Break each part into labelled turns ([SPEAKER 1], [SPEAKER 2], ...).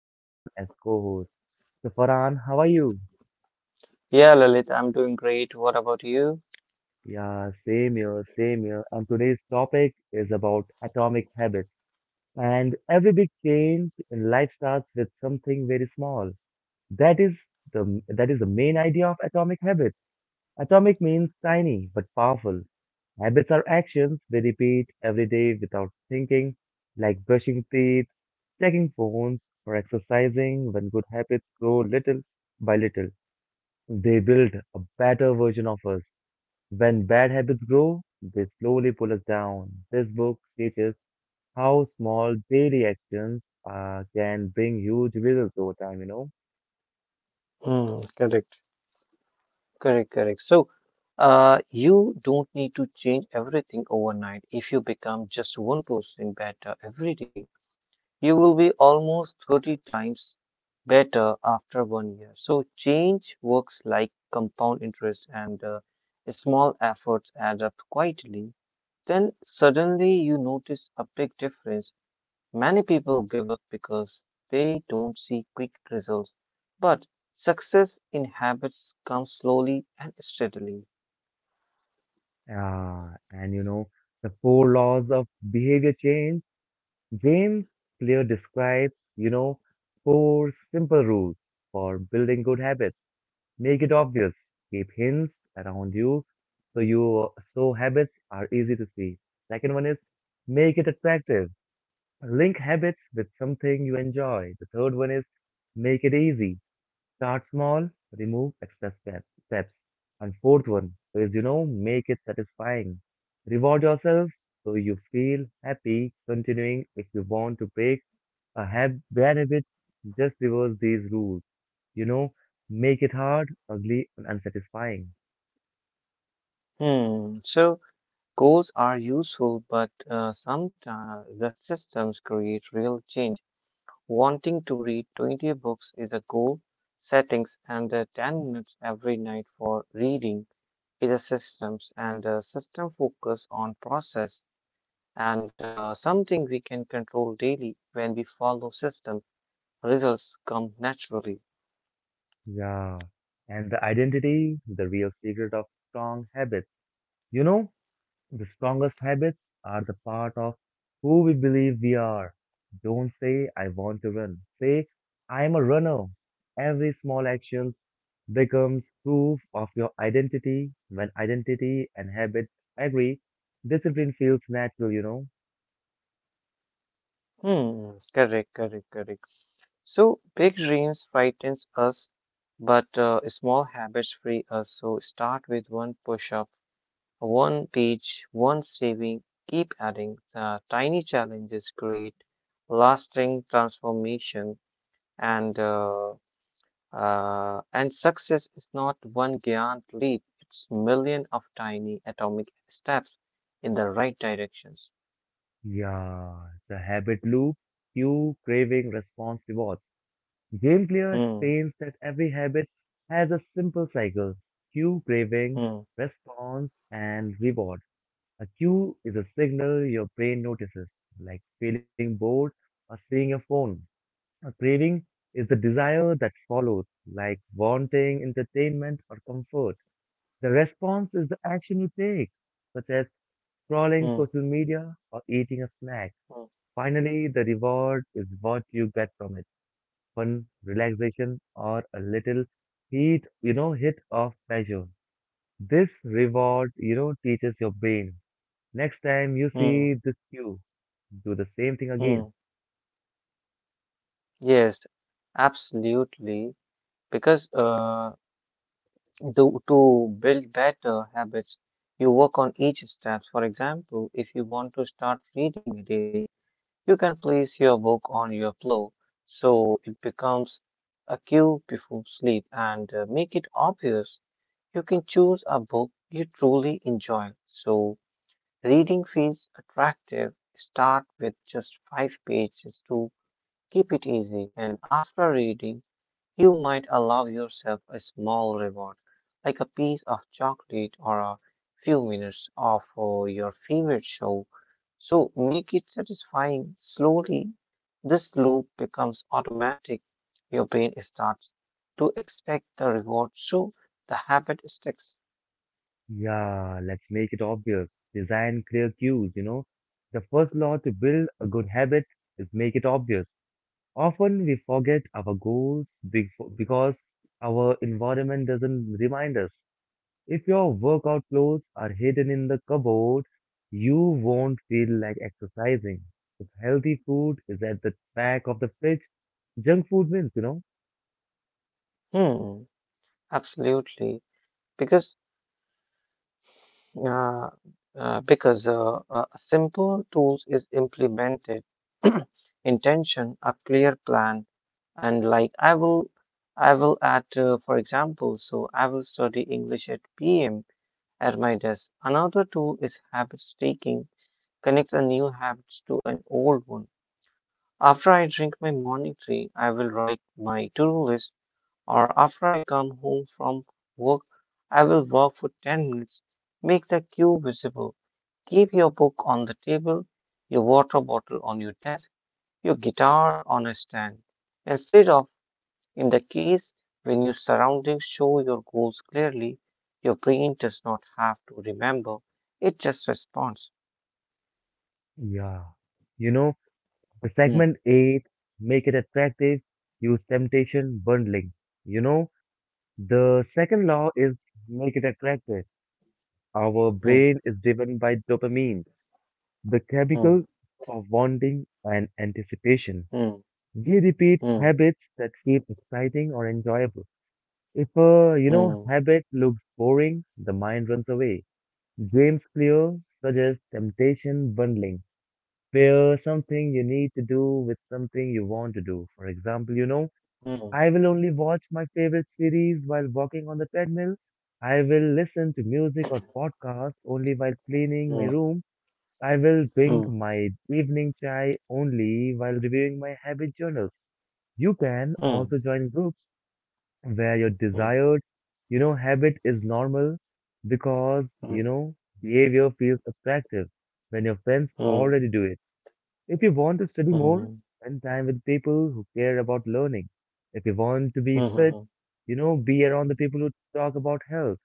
[SPEAKER 1] Farhan as co-host. So Farhan, how are you?
[SPEAKER 2] Yeah, Lalit, I'm doing great. What about you?
[SPEAKER 1] Yeah, same here, same here. And today's topic is about atomic habits. And every big change in life starts with something very small. That is that is the main idea of atomic habits. Atomic means tiny but powerful. Habits are actions we repeat every day without thinking, like brushing teeth, checking phones, or exercising. When good habits grow little by little, they build a better version of us. When bad habits grow, they slowly pull us down. This book teaches how small daily actions can bring huge results over time.
[SPEAKER 2] Hmm, correct. Correct, correct. So, you don't need to change everything overnight. If you become just 1% better every day, you will be almost 30 times better after one year. So, change works like compound interest, and small efforts add up quietly. Then, suddenly, you notice a big difference. Many people give up because they don't see quick results, but success in habits comes slowly and steadily.
[SPEAKER 1] And the four laws of behavior change, James Clear describes, four simple rules for building good habits. Make it obvious. Keep hints around you, so you so habits are easy to see. Second one is make it attractive. Link habits with something you enjoy. The third one is make it easy. Start small, remove extra step, steps. And fourth one is, you know, make it satisfying. Reward yourself so you feel happy continuing. If you want to break bad habit, just reverse these rules, you know, make it hard, ugly, and unsatisfying.
[SPEAKER 2] Hmm. So goals are useful, but sometimes the systems create real change. Wanting to read 20 books is a goal. Settings and 10 minutes every night for reading is a systems and system focus on process and something we can control daily. When we follow systems, results come naturally.
[SPEAKER 1] Yeah. And the identity, the real secret of strong habits. You know, the strongest habits are the part of who we believe we are. Don't say, "I want to run." Say, "I am a runner." Every small action becomes proof of your identity. When identity and habit agree, discipline feels natural.
[SPEAKER 2] Hmm, correct, correct, correct. So big dreams frightens us, but small habits free us. So start with one push-up, one page, one saving. Keep adding. Tiny challenges create lasting transformation, and uh, and success is not one giant leap. It's million of tiny atomic steps in the right directions.
[SPEAKER 1] Yeah, the habit loop: cue, craving, response, rewards. Game Gameplear
[SPEAKER 2] Hmm,
[SPEAKER 1] explains that every habit has a simple cycle: cue, craving,
[SPEAKER 2] hmm,
[SPEAKER 1] response, and reward. A cue is a signal your brain notices, like feeling bored or seeing a phone. A craving is the desire that follows, like wanting entertainment or comfort. The response is the action you take, such as scrolling
[SPEAKER 2] hmm.
[SPEAKER 1] social media or eating a snack.
[SPEAKER 2] Hmm.
[SPEAKER 1] Finally, the reward is what you get from it: fun, relaxation, or a little heat, you know, hit of pleasure. This reward, you know, teaches your brain. Next time you
[SPEAKER 2] Mm,
[SPEAKER 1] see this cue, do the same thing
[SPEAKER 2] mm,
[SPEAKER 1] again.
[SPEAKER 2] yes, absolutely. Because to build better habits, you work on each steps. For example, if you want to start reading daily, you can place your book on your pillow so it becomes a cue before sleep and make it obvious. You can choose a book you truly enjoy. So reading feels attractive. Start with just five pages to keep it easy, and after reading, you might allow yourself a small reward, like a piece of chocolate or a few minutes of your favorite show. So make it satisfying. Slowly, this loop becomes automatic. Your brain starts to expect the reward, so the habit sticks.
[SPEAKER 1] Yeah, let's make it obvious. Design clear cues, you know. The first law to build a good habit is make it obvious. Often we forget our goals be- because our environment doesn't remind us. If your workout clothes are hidden in the cupboard, you won't feel like exercising. If healthy food is at the back of the fridge, junk food wins, you know?
[SPEAKER 2] Hmm, absolutely. Because uh, because a simple tool is implemented intention, a clear plan, and like I will at for example, so I will study English at pm at my desk. Another tool is habit taking connects a new habit to an old one. After I drink my morning tea, I will write my to-do list, or after I come home from work, I will walk for 10 minutes. Make the queue visible. Keep your book on the table, your water bottle on your desk, your guitar on a stand. Instead of in the case when your surroundings show your goals clearly, your brain does not have to remember. It just responds.
[SPEAKER 1] Yeah. You know, the
[SPEAKER 2] Hmm,
[SPEAKER 1] segment 8, make it attractive, use temptation bundling. You know, the second law is make it attractive. Our
[SPEAKER 2] hmm,
[SPEAKER 1] brain is driven by dopamine, the
[SPEAKER 2] hmm,
[SPEAKER 1] chemical of wanting and anticipation.
[SPEAKER 2] hmm,
[SPEAKER 1] We repeat habits that feel exciting or enjoyable. If a, you know,
[SPEAKER 2] hmm,
[SPEAKER 1] habit looks boring, the mind runs away. James Clear suggests temptation bundling. Pair something you need to do with something you want to do. For example, you know,
[SPEAKER 2] hmm,
[SPEAKER 1] I will only watch my favorite series while walking on the treadmill. I will listen to music or podcasts only while cleaning my
[SPEAKER 2] hmm,
[SPEAKER 1] room. I will drink
[SPEAKER 2] hmm,
[SPEAKER 1] my evening chai only while reviewing my habit journal. You can
[SPEAKER 2] hmm,
[SPEAKER 1] also join groups where your
[SPEAKER 2] hmm,
[SPEAKER 1] desired, you know, habit is normal because,
[SPEAKER 2] hmm,
[SPEAKER 1] you
[SPEAKER 2] hmm,
[SPEAKER 1] know, behavior feels attractive when your friends
[SPEAKER 2] hmm,
[SPEAKER 1] already do it. If you want to study more,
[SPEAKER 2] hmm,
[SPEAKER 1] spend time with people who care about learning. If you want to
[SPEAKER 2] hmm,
[SPEAKER 1] be fit,
[SPEAKER 2] hmm,
[SPEAKER 1] you know, be around the people who talk about health.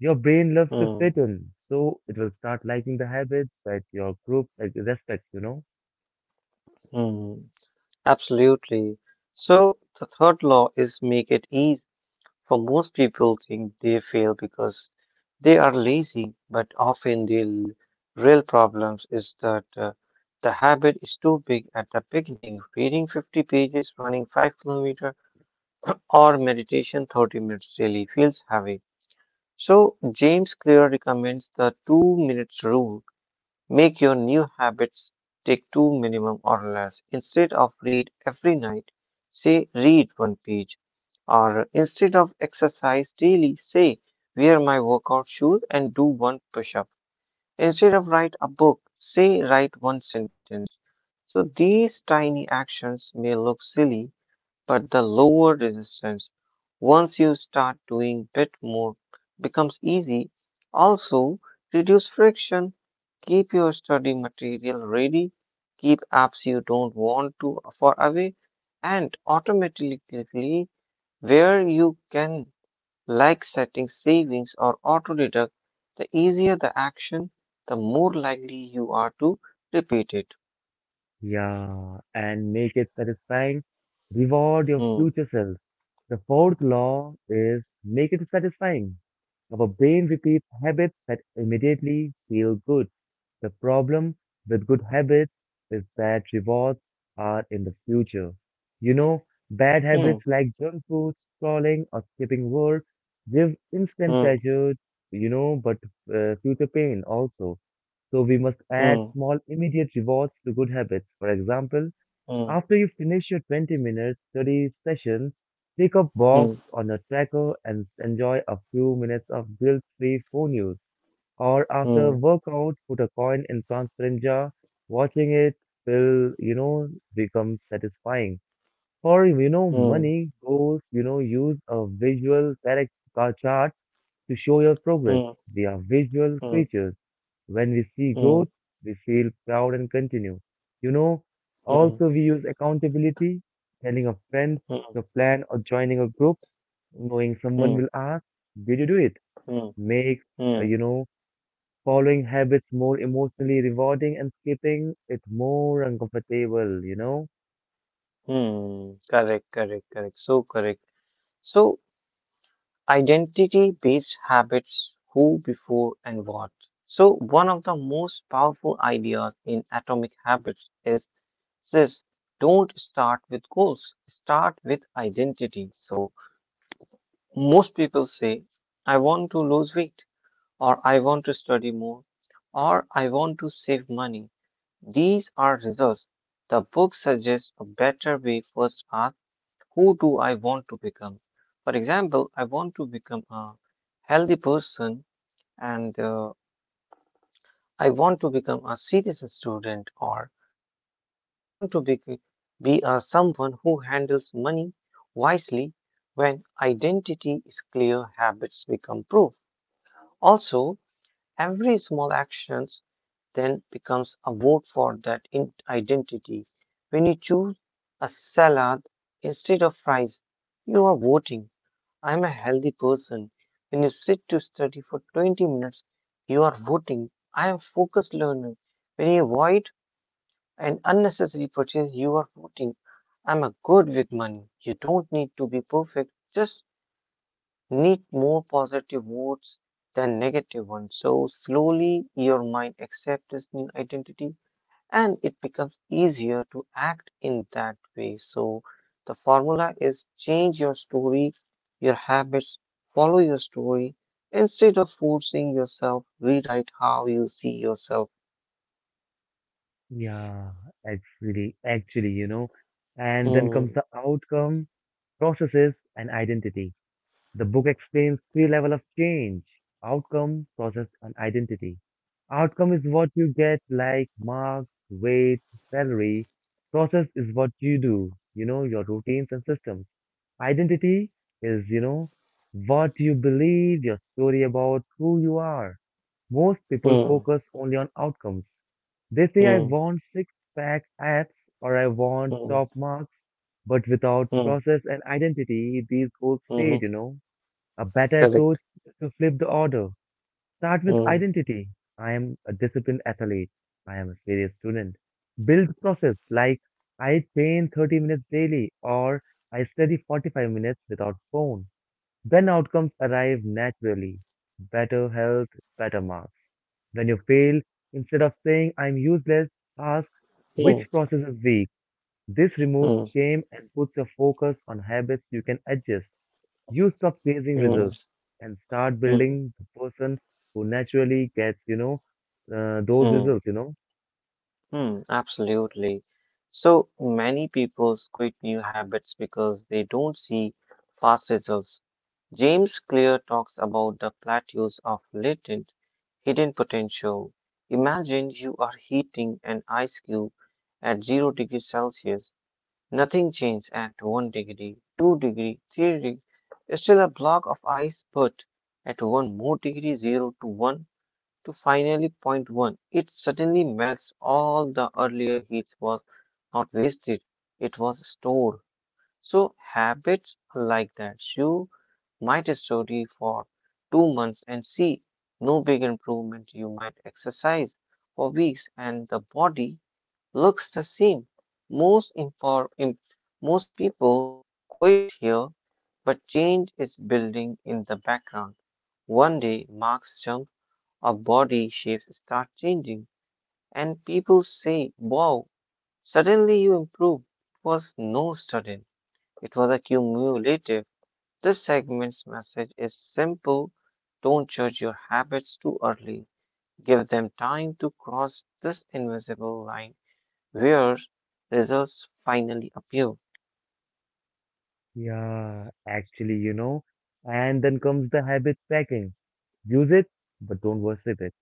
[SPEAKER 1] Your brain loves to
[SPEAKER 2] hmm.
[SPEAKER 1] fit in, so it will start liking the habits that your group like, respects, you know?
[SPEAKER 2] Hmm, absolutely. So the third law is make it easy. For most people think they fail because they are lazy, but often real problems is that the habit is too big at the beginning. Reading 50 pages, running 5 kilometers, or meditation 30 minutes daily feels heavy. So James Clear recommends the 2 minutes rule. Make your new habits take two minimum or less. Instead of read every night, say read one page. Or instead of exercise daily, say wear my workout shoes and do one push up. Instead of write a book, say write one sentence. So these tiny actions may look silly, but the lower resistance once you start doing bit more becomes easy. Also, reduce friction. Keep your study material ready. Keep apps you don't want to far away and automatically where you can, like setting savings or auto deduct, the easier the action, the more likely you are to repeat it.
[SPEAKER 1] Yeah, and make it satisfying. Reward your
[SPEAKER 2] Hmm.
[SPEAKER 1] future self. The fourth law is make it satisfying. Our brain repeats habits that immediately feel good. The problem with good habits is that rewards are in the future. You know, bad
[SPEAKER 2] Hmm.
[SPEAKER 1] habits like junk food, scrolling, or skipping work give instant
[SPEAKER 2] Hmm.
[SPEAKER 1] pleasure, you know, but future pain also. So we must add
[SPEAKER 2] Hmm.
[SPEAKER 1] small immediate rewards to good habits. For example,
[SPEAKER 2] Hmm.
[SPEAKER 1] after you finish your 20-minute study session, pick up box on a tracker and enjoy a few minutes of guilt-free phone use. Or after
[SPEAKER 2] Hmm.
[SPEAKER 1] workout, put a coin in transparent jar. Watching it will, you know, become satisfying. For, you know,
[SPEAKER 2] Hmm.
[SPEAKER 1] money goals, you know, use a visual character chart to show your progress.
[SPEAKER 2] Hmm.
[SPEAKER 1] We are visual
[SPEAKER 2] Hmm.
[SPEAKER 1] creatures. When we see growth,
[SPEAKER 2] Hmm.
[SPEAKER 1] we feel proud and continue. You know,
[SPEAKER 2] Hmm.
[SPEAKER 1] also we use accountability, telling a friend
[SPEAKER 2] Hmm.
[SPEAKER 1] your plan or joining a group, knowing someone
[SPEAKER 2] Hmm.
[SPEAKER 1] will ask, "Did you do it?"
[SPEAKER 2] Hmm.
[SPEAKER 1] Makes,
[SPEAKER 2] Hmm.
[SPEAKER 1] you know, following habits more emotionally rewarding and skipping it more uncomfortable, you know?
[SPEAKER 2] Hmm, correct, correct, correct. So correct. So identity-based habits, who, before, and what. So one of the most powerful ideas in Atomic Habits is this: don't start with goals, start with identity. So most people say, I want to lose weight, or I want to study more, or I want to save money. These are results. The book suggests a better way. First ask, who do I want to become? For example, I want to become a healthy person and I want to become a serious student, or I want to be a someone who handles money wisely. When identity is clear, habits become proof. Also, every small actions then becomes a vote for that identity. When you choose a salad instead of fries, you are voting. I'm a healthy person. When you sit to study for 20 minutes, you are voting. I am focused learner. When you avoid an unnecessary purchase, you are voting. I'm a good with money. You don't need to be perfect. Just need more positive votes than negative ones. So slowly your mind accepts this new identity and it becomes easier to act in that way. So, the formula is change your story, your habits, follow your story. Instead of forcing yourself, rewrite how you see yourself.
[SPEAKER 1] Yeah, actually. And then comes
[SPEAKER 2] Hmm,
[SPEAKER 1] the outcome, processes, and identity. The book explains three levels of change: outcome, process, and identity. Outcome is what you get, like marks, weight, salary. Process is what you do, you know, your routines and systems. Identity is, you know, what you believe, your story about who you are. Most people
[SPEAKER 2] hmm,
[SPEAKER 1] focus only on outcomes. They say, "I
[SPEAKER 2] hmm,
[SPEAKER 1] want six pack abs" or "I want
[SPEAKER 2] hmm,
[SPEAKER 1] top marks", but without
[SPEAKER 2] hmm,
[SPEAKER 1] process and identity, these goals fade,
[SPEAKER 2] hmm,
[SPEAKER 1] you know. A better approach
[SPEAKER 2] correct.
[SPEAKER 1] is to flip the order. Start with
[SPEAKER 2] Hmm,
[SPEAKER 1] identity. I am a disciplined athlete. I am a serious student. Build process like I train 30 minutes daily or I study 45 minutes without phone. Then outcomes arrive naturally. Better health, better marks. When you fail, instead of saying I'm useless, ask
[SPEAKER 2] hmm,
[SPEAKER 1] which process is weak. This removes
[SPEAKER 2] hmm,
[SPEAKER 1] shame and puts your focus on habits you can adjust. You stop chasing
[SPEAKER 2] hmm,
[SPEAKER 1] results and start
[SPEAKER 2] hmm,
[SPEAKER 1] building the person who naturally gets, you know, those
[SPEAKER 2] hmm,
[SPEAKER 1] results, you know.
[SPEAKER 2] hmm, absolutely. So many people quit new habits because they don't see fast results. James Clear talks about the plateaus of latent hidden potential. Imagine you are heating an ice cube at 0 degrees Celsius. Nothing changes at 1 degree, 2 degree, 3 degree. It's still a block of ice, but at 1 more degree, 0 to 1 to finally point one, it suddenly melts. All the earlier heat was not wasted, it was stored. So habits are like that. You might study for 2 months and see no big improvement. You might exercise for weeks and the body looks the same. Most impor- in, Most people quit here, but change is building in the background. One day marks jump or body shapes start changing and people say, wow, suddenly you improve. It was no sudden. It was accumulative. This segment's message is simple: don't judge your habits too early. Give them time to cross this invisible line where results finally appear.
[SPEAKER 1] Yeah, actually, you know. And then comes the habit tracking. Use it, but don't worship it.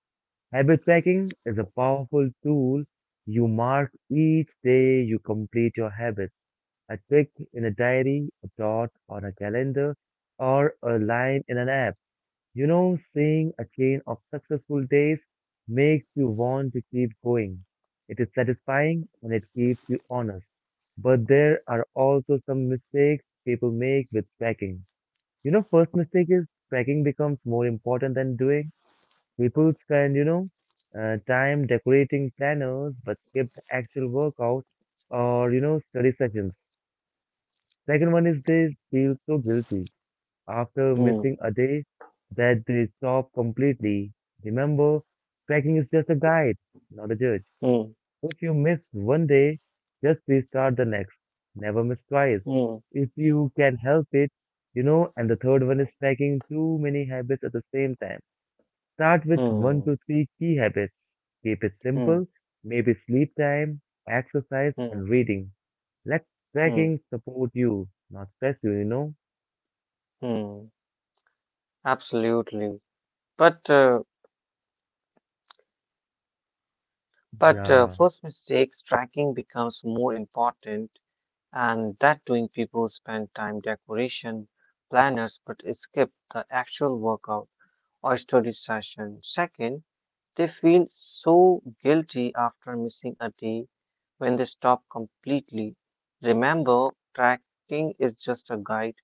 [SPEAKER 1] Habit tracking is a powerful tool. You mark each day you complete your habit. A tick in a diary, a dot on a calendar, or a line in an app. You know, seeing a chain of successful days makes you want to keep going. It is satisfying and it keeps you honest. But there are also some mistakes people make with tracking. You know, first mistake is tracking becomes more important than doing. People spend, you know, time decorating planners but skip the actual workout or, you know, study sessions. Second one is they feel so guilty after
[SPEAKER 2] Hmm,
[SPEAKER 1] missing a day that they stop completely. Remember, tracking is just a guide, not a judge.
[SPEAKER 2] hmm,
[SPEAKER 1] If you miss 1 day, just restart the next. Never miss twice.
[SPEAKER 2] hmm,
[SPEAKER 1] If you can help it, you know, and the third one is tracking too many habits at the same time. Start with one
[SPEAKER 2] hmm,
[SPEAKER 1] to three key habits. Keep it
[SPEAKER 2] hmm,
[SPEAKER 1] simple, maybe sleep time, exercise,
[SPEAKER 2] hmm,
[SPEAKER 1] and reading. Let
[SPEAKER 2] hmm,
[SPEAKER 1] tracking support you, not stress you, you know?
[SPEAKER 2] hmm. Absolutely. But, uh, but
[SPEAKER 1] Yeah.
[SPEAKER 2] first mistakes tracking becomes more important and that doing people spend time decoration planners but skip the actual workout or study session. Second, they feel so guilty after missing a day when they stop completely. Remember, tracking is just a guide,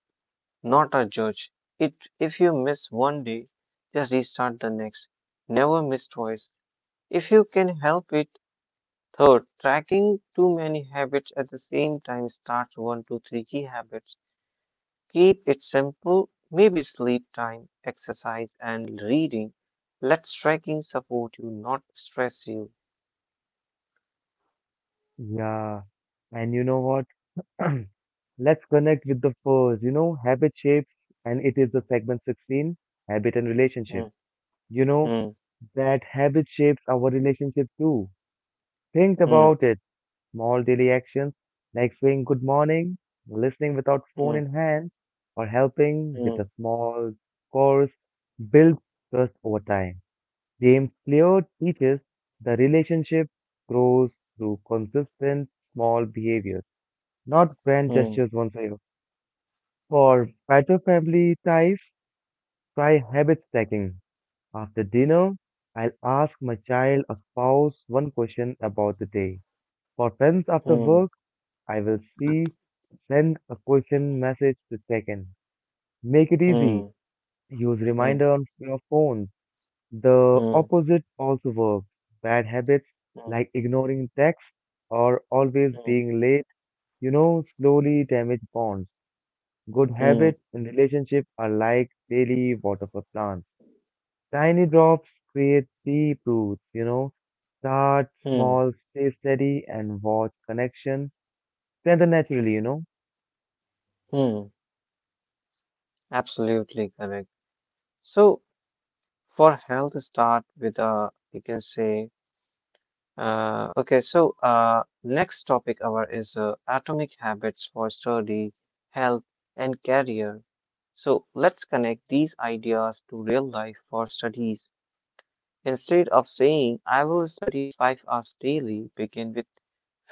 [SPEAKER 2] not a judge. It, if you miss one day, just restart the next. Never miss twice. If you can help it, third, tracking too many habits at the same time starts one to three key habits. Keep it simple, maybe sleep time, exercise, and reading. Let tracking support you, not stress you.
[SPEAKER 1] Yeah, and you know what? Let's connect with the first, you know, habit shapes, and it is the segment 16, habit and relationship.
[SPEAKER 2] Hmm,
[SPEAKER 1] You know,
[SPEAKER 2] hmm,
[SPEAKER 1] that habit shapes our relationship too. Think
[SPEAKER 2] hmm,
[SPEAKER 1] about it. Small daily actions like saying good morning, listening without phone in
[SPEAKER 2] hmm,
[SPEAKER 1] hand, or helping with a
[SPEAKER 2] hmm,
[SPEAKER 1] small course build trust over time. James Clear teaches the relationship grows through consistent small behaviors. Not grand gestures won't fail. For better family ties, try habit stacking. After dinner, I'll ask my child or spouse one question about the day. For friends after
[SPEAKER 2] hmm,
[SPEAKER 1] work, I will see send a question message to check in. Make it easy.
[SPEAKER 2] hmm,
[SPEAKER 1] Use
[SPEAKER 2] hmm,
[SPEAKER 1] reminder on your phones. The
[SPEAKER 2] hmm,
[SPEAKER 1] opposite also works. Bad habits
[SPEAKER 2] hmm,
[SPEAKER 1] like ignoring texts or always
[SPEAKER 2] hmm, hmm,
[SPEAKER 1] being late, you know, slowly damage bonds. Good habits
[SPEAKER 2] hmm,
[SPEAKER 1] in relationship are like daily water for plants. Tiny drops create deep roots, you know. Start
[SPEAKER 2] hmm.
[SPEAKER 1] small, stay steady, and watch connection strengthen naturally, you know.
[SPEAKER 2] Hmm. Absolutely correct. So, for health, start with a, you can say, okay, so next topic our is atomic habits for study, health, and career. So let's connect these ideas to real life for studies. Instead of saying I will study 5 hours daily, begin with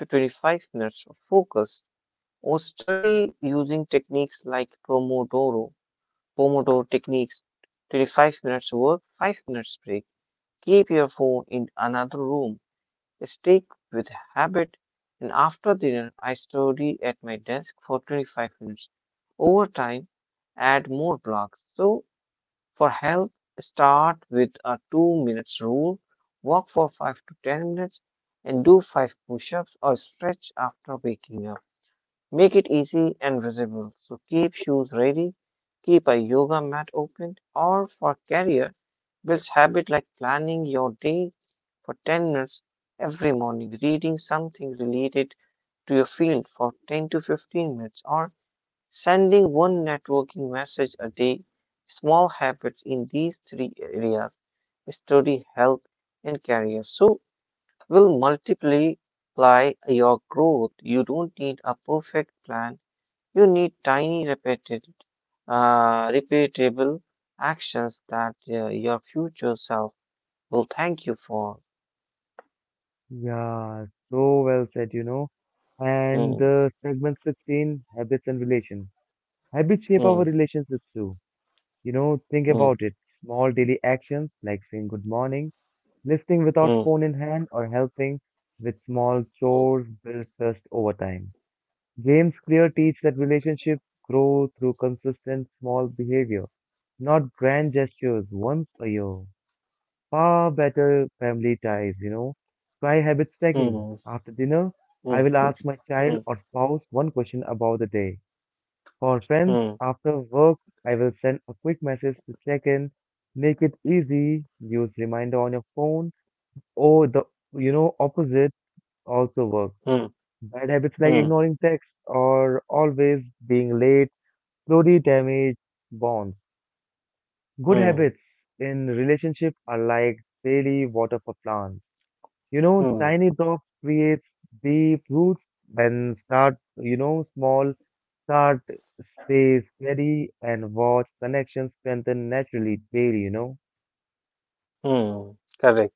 [SPEAKER 2] 25 minutes of focus or study using techniques like Pomodoro techniques, 25 minutes work, 5 minutes break. Keep your phone in another room stick with habit, and after dinner, I study at my desk for 25 minutes. Over time, add more blocks. So, for health, start with a 2 minutes rule, walk for 5 to 10 minutes, and do 5 push ups or stretch after waking up. Make it easy and visible. So keep shoes ready, keep a yoga mat open, or for career, build habit like planning your day for 10 minutes every morning, reading something related to your field for 10 to 15 minutes, or sending one networking message a day. Small habits in these three areas, study, health, and career. So will multiply your growth. You don't need a perfect plan, you need tiny, repeatable actions that your future self will thank you for.
[SPEAKER 1] Yeah, so well said, you know.
[SPEAKER 2] Hmm,
[SPEAKER 1] And segment 16, habits and relation. Habits shape our
[SPEAKER 2] hmm,
[SPEAKER 1] relationships too. You know, think
[SPEAKER 2] hmm,
[SPEAKER 1] about it. Small daily actions like saying good morning, listening without
[SPEAKER 2] hmm,
[SPEAKER 1] phone in hand, or helping with small chores build trust over time. James Clear teaches that relationships grow through consistent small behavior, not grand gestures once a year. Far better family ties, you know. Try habit stacking.
[SPEAKER 2] hmm,
[SPEAKER 1] After dinner,
[SPEAKER 2] hmm,
[SPEAKER 1] I will ask my
[SPEAKER 2] hmm,
[SPEAKER 1] child or spouse one question about the day. For friends,
[SPEAKER 2] hmm,
[SPEAKER 1] after work, I will send a quick message to check in. Make it easy. Use reminder on your phone. Or the, you know, opposite also works.
[SPEAKER 2] hmm, hmm,
[SPEAKER 1] Bad habits like
[SPEAKER 2] hmm,
[SPEAKER 1] ignoring texts or always being late slowly damage bonds. Good
[SPEAKER 2] hmm,
[SPEAKER 1] habits in relationship are like daily water for plants. You know,
[SPEAKER 2] hmm,
[SPEAKER 1] tiny drops creates deep roots and start, you know, small start stay steady and watch connections strengthen naturally daily, you know.
[SPEAKER 2] hmm. Correct.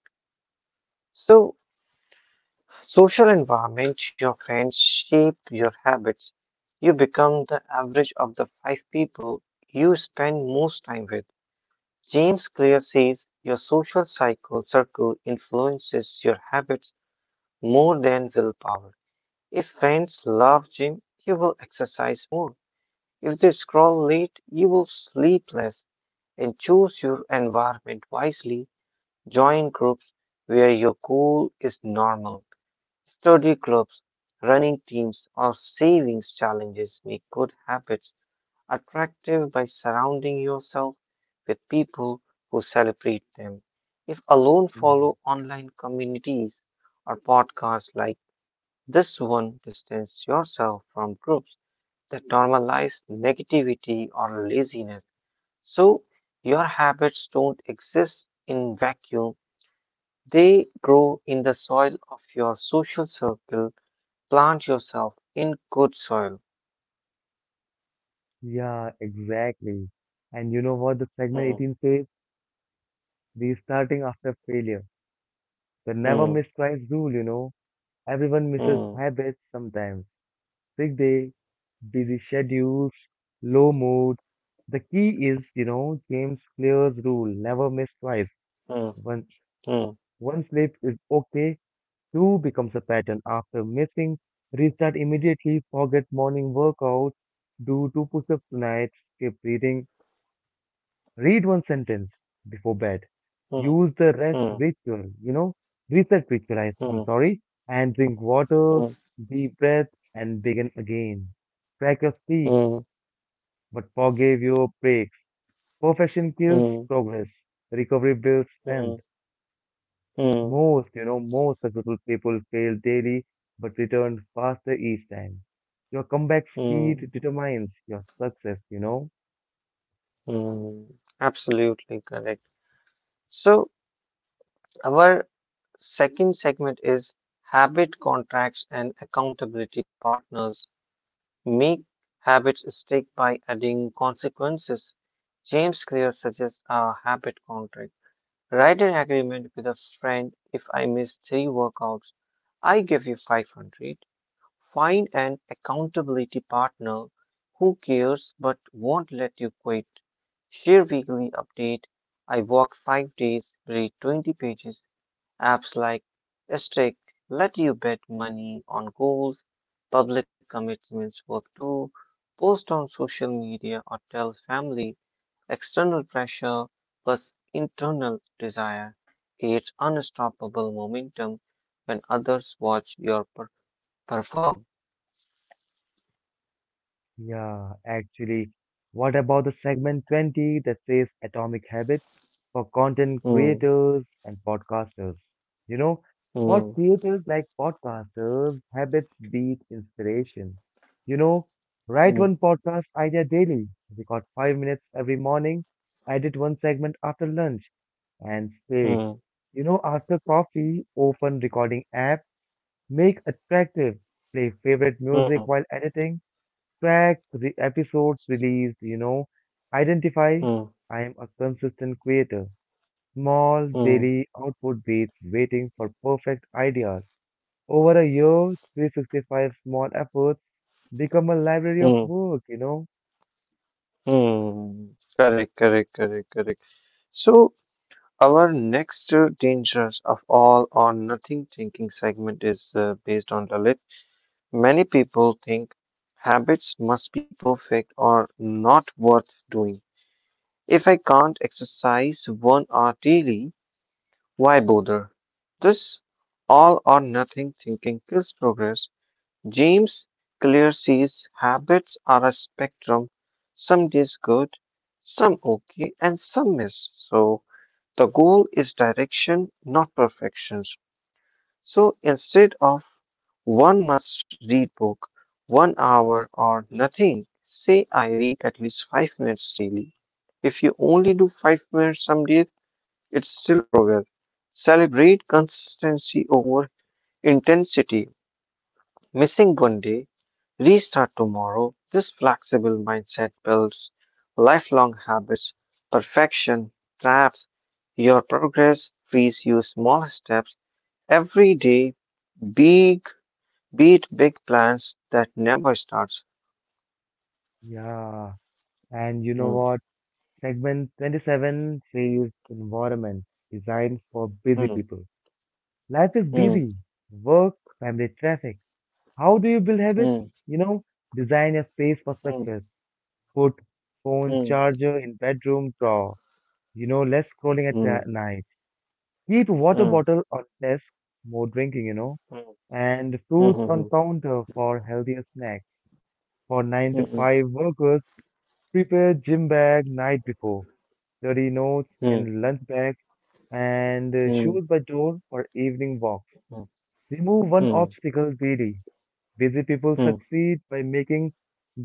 [SPEAKER 2] So, social environment, your friends shape your habits. You become the average of the five people you spend most time with. James Clear says your social cycle circle influences your habits more than willpower. If friends love gym, you will exercise more. If they scroll late, you will sleep less. And choose your environment wisely. Join groups where your goal is normal. Study clubs, running teams, or savings challenges make good habits attractive by surrounding yourself with people who celebrate them. If alone,
[SPEAKER 1] Yeah,
[SPEAKER 2] follow online communities or podcasts like this one, distance yourself from groups that normalize negativity or laziness. So your habits don't exist in vacuum. They grow in the soil of your social circle. Plant yourself in good soil.
[SPEAKER 1] Yeah, exactly. And you know what the segment
[SPEAKER 2] Hmm,
[SPEAKER 1] 18 says? Restarting after failure. The never
[SPEAKER 2] hmm,
[SPEAKER 1] miss twice rule, you know. Everyone misses
[SPEAKER 2] hmm,
[SPEAKER 1] habits sometimes: sick day, busy schedules, low mood. The key is, you know, James Clear's rule: never miss twice.
[SPEAKER 2] hmm, hmm,
[SPEAKER 1] One,
[SPEAKER 2] hmm,
[SPEAKER 1] one slip is okay, two becomes a pattern. After missing, restart immediately. Forget morning workout, do two push ups tonight. Skip reading, read one sentence before bed.
[SPEAKER 2] hmm.
[SPEAKER 1] Use the rest
[SPEAKER 2] Hmm.
[SPEAKER 1] ritual, you know, reset ritual, I- I'm
[SPEAKER 2] Mm,
[SPEAKER 1] sorry, and drink water,
[SPEAKER 2] mm,
[SPEAKER 1] deep breath, and begin again. Track your sleep,
[SPEAKER 2] mm,
[SPEAKER 1] but forgave your breaks. Perfection kills
[SPEAKER 2] mm,
[SPEAKER 1] progress. Recovery builds
[SPEAKER 2] mm,
[SPEAKER 1] strength.
[SPEAKER 2] mm,
[SPEAKER 1] Most, you know, most successful people fail daily but return faster each time. Your comeback
[SPEAKER 2] mm,
[SPEAKER 1] speed determines your success, you know.
[SPEAKER 2] mm. Absolutely correct. So, our second segment is habit contracts and accountability partners. Make habits stick by adding consequences. James Clear suggests a habit contract. Write an agreement with a friend if I miss three workouts, I give you 500. Find an accountability partner who cares but won't let you quit. Share weekly update. I walk 5 days, read 20 pages. Apps like Strict let you bet money on goals. Public commitments work too. Post on social media or tell family. External pressure plus internal desire creates unstoppable momentum when others watch your perform.
[SPEAKER 1] Yeah, actually, what about the segment 20 that says Atomic Habits for content
[SPEAKER 2] Hmm.
[SPEAKER 1] creators and podcasters? You know, for
[SPEAKER 2] Mm,
[SPEAKER 1] creators like podcasters, habits beat inspiration. You know, write one
[SPEAKER 2] mm,
[SPEAKER 1] podcast idea daily, record 5 minutes every morning, edit one segment after lunch, and speak.
[SPEAKER 2] mm,
[SPEAKER 1] You know, after coffee, open recording app, make attractive, play favorite music
[SPEAKER 2] mm,
[SPEAKER 1] while editing, track the episodes released, you know, identify
[SPEAKER 2] mm, mm,
[SPEAKER 1] I am a consistent creator. Small
[SPEAKER 2] mm,
[SPEAKER 1] daily output beats waiting for perfect ideas. Over a year, 365 small efforts become a library of
[SPEAKER 2] mm.
[SPEAKER 1] work, you know?
[SPEAKER 2] Mm. Correct, correct, correct, correct. So, our next dangers of all or nothing thinking segment is based on the Lalit. Many people think habits must be perfect or not worth doing. If I can't exercise 1 hour daily, why bother? This all or nothing thinking kills progress. James Clearse's habits are a spectrum. Some days good, some okay, and some miss. So the goal is direction, not perfections. So instead of one must read book, 1 hour or nothing, say I read at least 5 minutes daily. If you only do 5 minutes some days, it's still progress. Celebrate consistency over intensity. Missing 1 day, restart tomorrow. This flexible mindset builds lifelong habits. Perfection traps your progress, frees you small steps every day. Big beat big plans that never starts.
[SPEAKER 1] Yeah. And you know
[SPEAKER 2] Hmm,
[SPEAKER 1] what? Segment 27 says environment designed for busy
[SPEAKER 2] hmm,
[SPEAKER 1] people. Life is
[SPEAKER 2] hmm,
[SPEAKER 1] busy. Work, family, traffic. How do you build habits?
[SPEAKER 2] hmm,
[SPEAKER 1] You know, design a space for
[SPEAKER 2] hmm,
[SPEAKER 1] success. Put phone
[SPEAKER 2] hmm,
[SPEAKER 1] charger in bedroom drawer. You know, less scrolling at
[SPEAKER 2] hmm, hmm,
[SPEAKER 1] night. Keep water
[SPEAKER 2] hmm,
[SPEAKER 1] bottle on desk, more drinking, you know, and
[SPEAKER 2] hmm,
[SPEAKER 1] fruits
[SPEAKER 2] hmm,
[SPEAKER 1] on
[SPEAKER 2] hmm,
[SPEAKER 1] counter for healthier snacks. For 9 to
[SPEAKER 2] hmm,
[SPEAKER 1] 5 workers, prepare gym bag night before. Dirty notes
[SPEAKER 2] hmm,
[SPEAKER 1] in lunch bag and
[SPEAKER 2] hmm, hmm,
[SPEAKER 1] shoes by door for evening walks. Remove one
[SPEAKER 2] hmm,
[SPEAKER 1] obstacle daily. Busy people
[SPEAKER 2] hmm.
[SPEAKER 1] succeed by making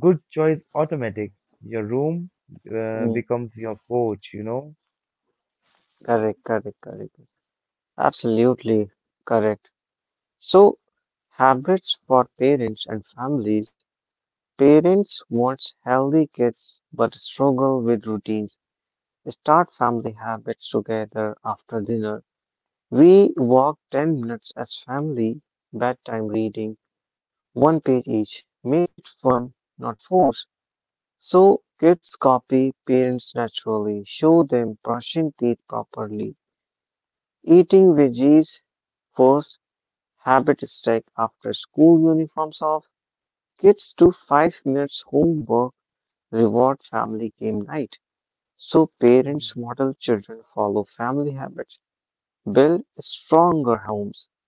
[SPEAKER 1] good choice automatic. Your room
[SPEAKER 2] Hmm.
[SPEAKER 1] becomes your coach, you know.
[SPEAKER 2] Correct, correct, correct. Absolutely correct. So habits for parents and families. Parents want healthy kids but struggle with routines. Start family habits together after dinner. We walk 10 minutes as family, bedtime reading, one page each. Make it fun, not force. So kids copy parents naturally. Show them brushing teeth properly, eating veggies first, habit stick after school uniforms off. Kids do 5 minutes homework reward family game night. So parents
[SPEAKER 1] Yeah,
[SPEAKER 2] model children follow family habits, build stronger homes.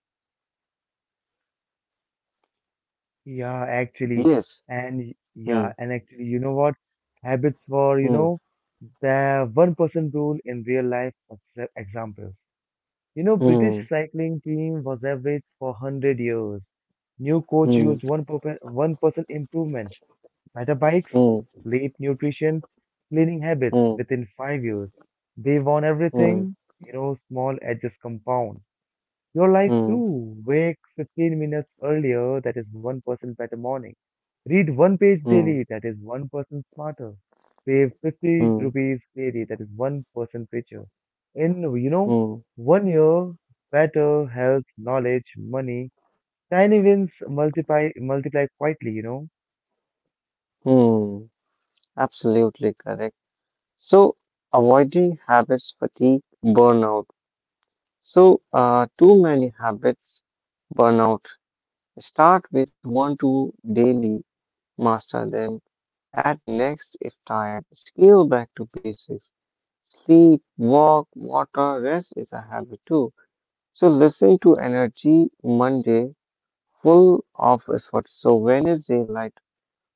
[SPEAKER 1] yeah, actually,
[SPEAKER 2] Yes.
[SPEAKER 1] and y- yeah,
[SPEAKER 2] Hmm.
[SPEAKER 1] and actually, you know what? Habits were, you know,
[SPEAKER 2] Hmm.
[SPEAKER 1] the one person rule in real life examples. You know, British
[SPEAKER 2] Hmm.
[SPEAKER 1] cycling team was average for 100 years. New coach used
[SPEAKER 2] Hmm.
[SPEAKER 1] 1% improvement, better bikes,
[SPEAKER 2] Hmm.
[SPEAKER 1] sleep, nutrition, cleaning habits
[SPEAKER 2] Hmm.
[SPEAKER 1] within 5 years. They won everything,
[SPEAKER 2] Hmm.
[SPEAKER 1] you know, small edges compound. Your life
[SPEAKER 2] Hmm.
[SPEAKER 1] too. Wake 15 minutes earlier, that is 1% better morning. Read one page daily,
[SPEAKER 2] Hmm.
[SPEAKER 1] that is one person smarter. Pay 50
[SPEAKER 2] Hmm.
[SPEAKER 1] rupees daily, that is one person richer. In, you know,
[SPEAKER 2] Hmm.
[SPEAKER 1] 1 year, better health, knowledge, money, tiny wins multiply quietly, you know.
[SPEAKER 2] Hmm. Absolutely correct. So avoiding habits fatigue burnout. So too many habits burnout. Start with one two daily master them. At next, if tired, scale back to basics. Sleep, walk, water, rest is a habit too. So listen to energy Monday, full of effort. So Wednesday, light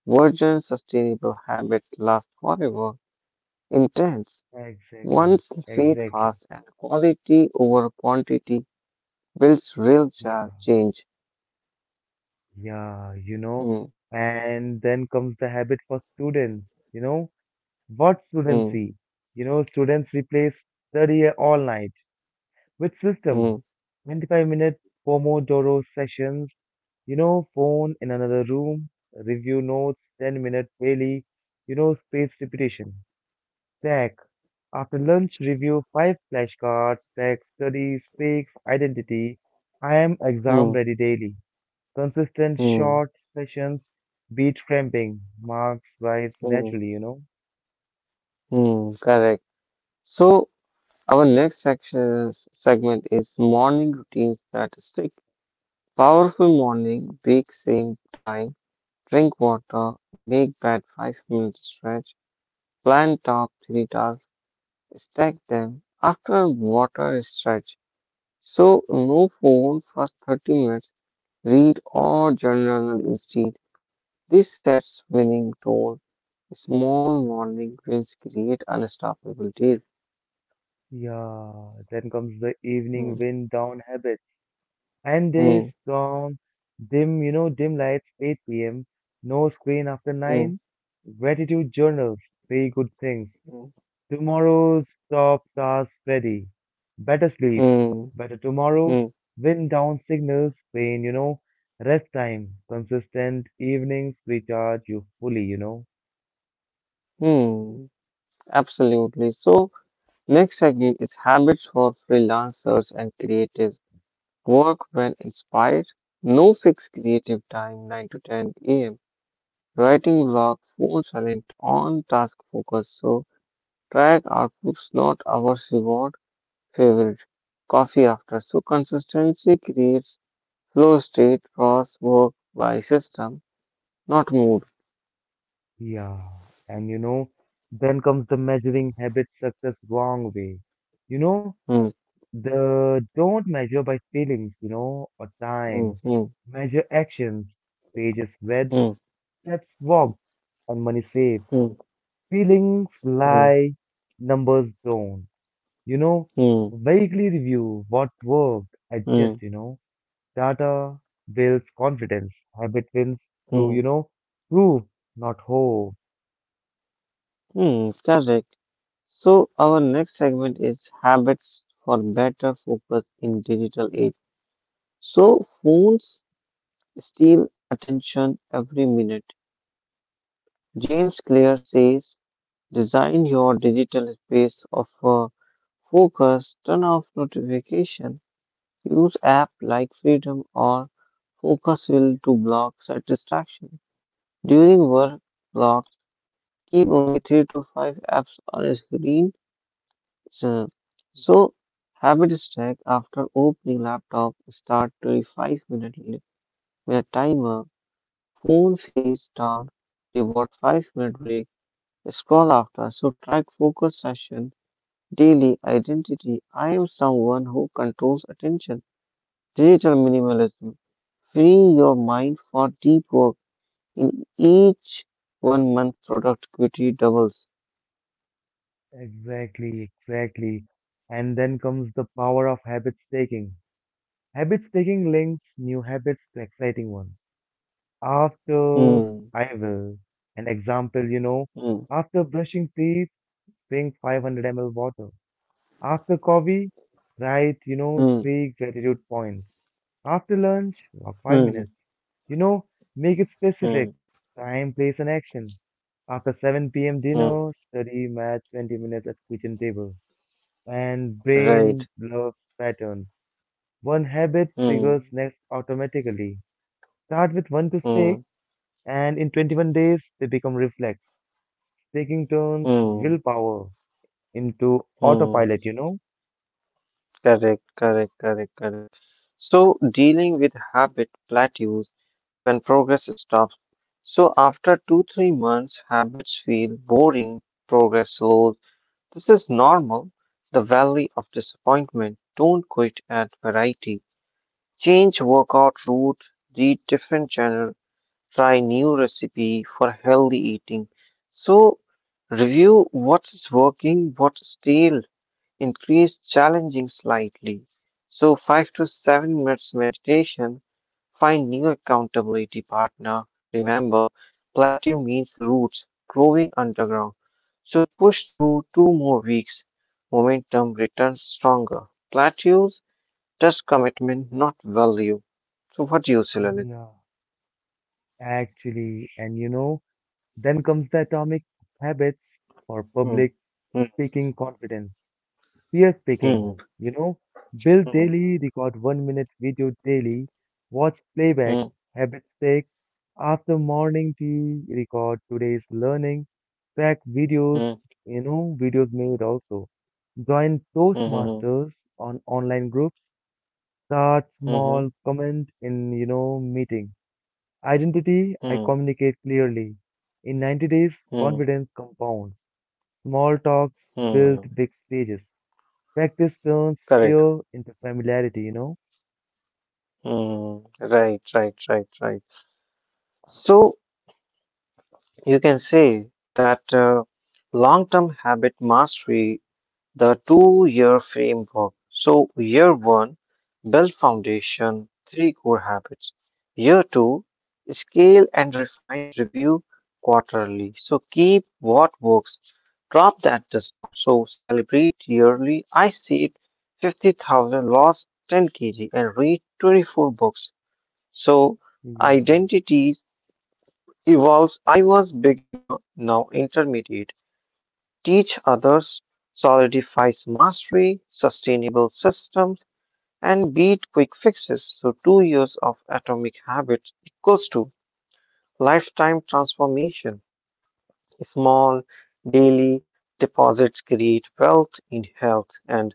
[SPEAKER 2] version, sustainable habits last forever. Intense,
[SPEAKER 1] Exactly,
[SPEAKER 2] once feed
[SPEAKER 1] exactly.
[SPEAKER 2] fast and quality over quantity builds real
[SPEAKER 1] Yeah,
[SPEAKER 2] change.
[SPEAKER 1] yeah, you know.
[SPEAKER 2] Hmm,
[SPEAKER 1] And then comes the habit for students, you know. What
[SPEAKER 2] hmm,
[SPEAKER 1] students see? You know, students replace study all night with system.
[SPEAKER 2] hmm,
[SPEAKER 1] 25-minute Pomodoro sessions, you know, phone in another room, review notes, 10-minute daily, you know, spaced repetition. Stack. After lunch, review five flashcards. Stack, study, speaks, identity. I am exam
[SPEAKER 2] hmm,
[SPEAKER 1] ready daily. Consistent
[SPEAKER 2] hmm,
[SPEAKER 1] short sessions beat cramping. Marks rise
[SPEAKER 2] hmm,
[SPEAKER 1] naturally, you know.
[SPEAKER 2] hmm, correct. So our next section segment is morning routines that stick. Powerful morning, wake same time, drink water, make bed 5 minutes stretch, plan top 3 tasks, stack them. After water stretch, so no phone for 30 minutes, read or journal instead. This sets winning tone. Small morning wins create unstoppable days.
[SPEAKER 1] Yeah, then comes the
[SPEAKER 2] Hmm,
[SPEAKER 1] evening wind down habit. And
[SPEAKER 2] hmm,
[SPEAKER 1] days from dim, you know, dim lights, 8 p.m., no screen after
[SPEAKER 2] hmm,
[SPEAKER 1] 9, gratitude journals, three good things,
[SPEAKER 2] hmm,
[SPEAKER 1] tomorrow's top task ready, better sleep,
[SPEAKER 2] hmm, hmm.
[SPEAKER 1] better tomorrow.
[SPEAKER 2] Hmm.
[SPEAKER 1] Wind down signals, pain, you know, rest time. Consistent evenings recharge you fully, you know.
[SPEAKER 2] Hmm, absolutely. So, next segment is habits for freelancers and creatives. Work when inspired. No fixed creative time, 9 to 10 a.m. Writing block, full silent, on task focus. So, track outputs, not hours reward. Favorite. Coffee after. So, consistency creates flow state, cross work by system, not mood.
[SPEAKER 1] Yeah, and you know, then comes the measuring habits success wrong way. You know,
[SPEAKER 2] Hmm,
[SPEAKER 1] The don't measure by feelings, you know, or
[SPEAKER 2] hmm,
[SPEAKER 1] time.
[SPEAKER 2] hmm,
[SPEAKER 1] Measure actions. Pages read,
[SPEAKER 2] hmm,
[SPEAKER 1] steps walked, and money saved.
[SPEAKER 2] hmm,
[SPEAKER 1] Feelings
[SPEAKER 2] hmm,
[SPEAKER 1] lie, numbers don't. You know,
[SPEAKER 2] hmm,
[SPEAKER 1] vaguely review what worked, adjust,
[SPEAKER 2] hmm.
[SPEAKER 1] you know. Data builds confidence. Habit wins through,
[SPEAKER 2] Hmm.
[SPEAKER 1] you know, proof, not hope.
[SPEAKER 2] Hmm, correct. So our next segment is habits for better focus in digital age. So phones steal attention every minute. James Clear says, design your digital space of focus, turn off notification, use app like Freedom or Focus Will to block distraction. During work blocks, keep only three to five apps on a screen. So, so, habit stack after opening laptop start 25 minute minute timer, phone face down, reward 5-minute break, scroll after. So track focus session, daily identity. I am someone who controls attention. Digital minimalism. Free your mind for deep work. In each 1 month, productivity doubles.
[SPEAKER 1] Exactly. And then comes the power of habit staking. Habits taking links new habits to exciting ones. After
[SPEAKER 2] Hmm.
[SPEAKER 1] I will, an example, you know,
[SPEAKER 2] Hmm.
[SPEAKER 1] after brushing teeth, drink 500 ml water. After coffee, write, you know,
[SPEAKER 2] Hmm.
[SPEAKER 1] three gratitude points. After lunch, walk five
[SPEAKER 2] Hmm.
[SPEAKER 1] minutes. You know, make it
[SPEAKER 2] Hmm.
[SPEAKER 1] specific.
[SPEAKER 2] Hmm.
[SPEAKER 1] Time, place, and action. After 7 p.m.
[SPEAKER 2] Hmm.
[SPEAKER 1] dinner, study math 20 minutes at kitchen table. And
[SPEAKER 2] Right.
[SPEAKER 1] brain loves patterns. One habit triggers
[SPEAKER 2] Hmm.
[SPEAKER 1] next automatically. Start with one to
[SPEAKER 2] Hmm.
[SPEAKER 1] six, and in 21 days, they become reflex, taking turns,
[SPEAKER 2] Hmm.
[SPEAKER 1] willpower into
[SPEAKER 2] Hmm.
[SPEAKER 1] autopilot, you know?
[SPEAKER 2] Correct, correct, correct, correct. So dealing with habit plateaus when progress stops. So after two, 3 months, habits feel boring, progress slows. This is normal. The valley of disappointment. Don't quit at variety. Change workout route, read different channel, try new recipe for healthy eating. So review what's working, what's stale increase challenging slightly. So, 5 to 7 minutes meditation, find new accountability partner. Remember, plateau means roots growing underground. So, push through 2 more weeks. Momentum returns stronger. Plateaus test commitment, not value. So, what do you say, Lalit?
[SPEAKER 1] Yeah, actually. And you know, then comes the atomic habits for
[SPEAKER 2] Hmm.
[SPEAKER 1] public speaking confidence. Peer speaking,
[SPEAKER 2] Hmm,
[SPEAKER 1] you know, build
[SPEAKER 2] hmm,
[SPEAKER 1] daily, record 1 minute video daily, watch playback,
[SPEAKER 2] hmm,
[SPEAKER 1] habit six, after morning tea, record today's learning, track
[SPEAKER 2] hmm,
[SPEAKER 1] videos, you know, videos made also. Join
[SPEAKER 2] hmm,
[SPEAKER 1] Toastmasters on online groups, start
[SPEAKER 2] hmm, hmm,
[SPEAKER 1] small, comment in, you know, meeting. Identity, I
[SPEAKER 2] hmm,
[SPEAKER 1] communicate clearly. In 90 days,
[SPEAKER 2] hmm,
[SPEAKER 1] confidence compounds. Small talks
[SPEAKER 2] hmm,
[SPEAKER 1] build
[SPEAKER 2] hmm.
[SPEAKER 1] big stages. Practice turns
[SPEAKER 2] Correct.
[SPEAKER 1] fear into familiarity, you know?
[SPEAKER 2] Mm, right, right, right, right. So you can say that long-term habit mastery, the two-year framework. So year one, build foundation, three core habits. Year two, scale and refine, review quarterly. So keep what works, drop that does not. So celebrate yearly. I saved 50,000, lost 10 kg, and read 24 books. So
[SPEAKER 1] Yeah.
[SPEAKER 2] identities evolves. I was beginner, now intermediate. Teach others solidifies mastery, sustainable systems, and beat quick fixes. So 2 years of atomic habits equals to lifetime transformation. Small daily deposits create wealth in health and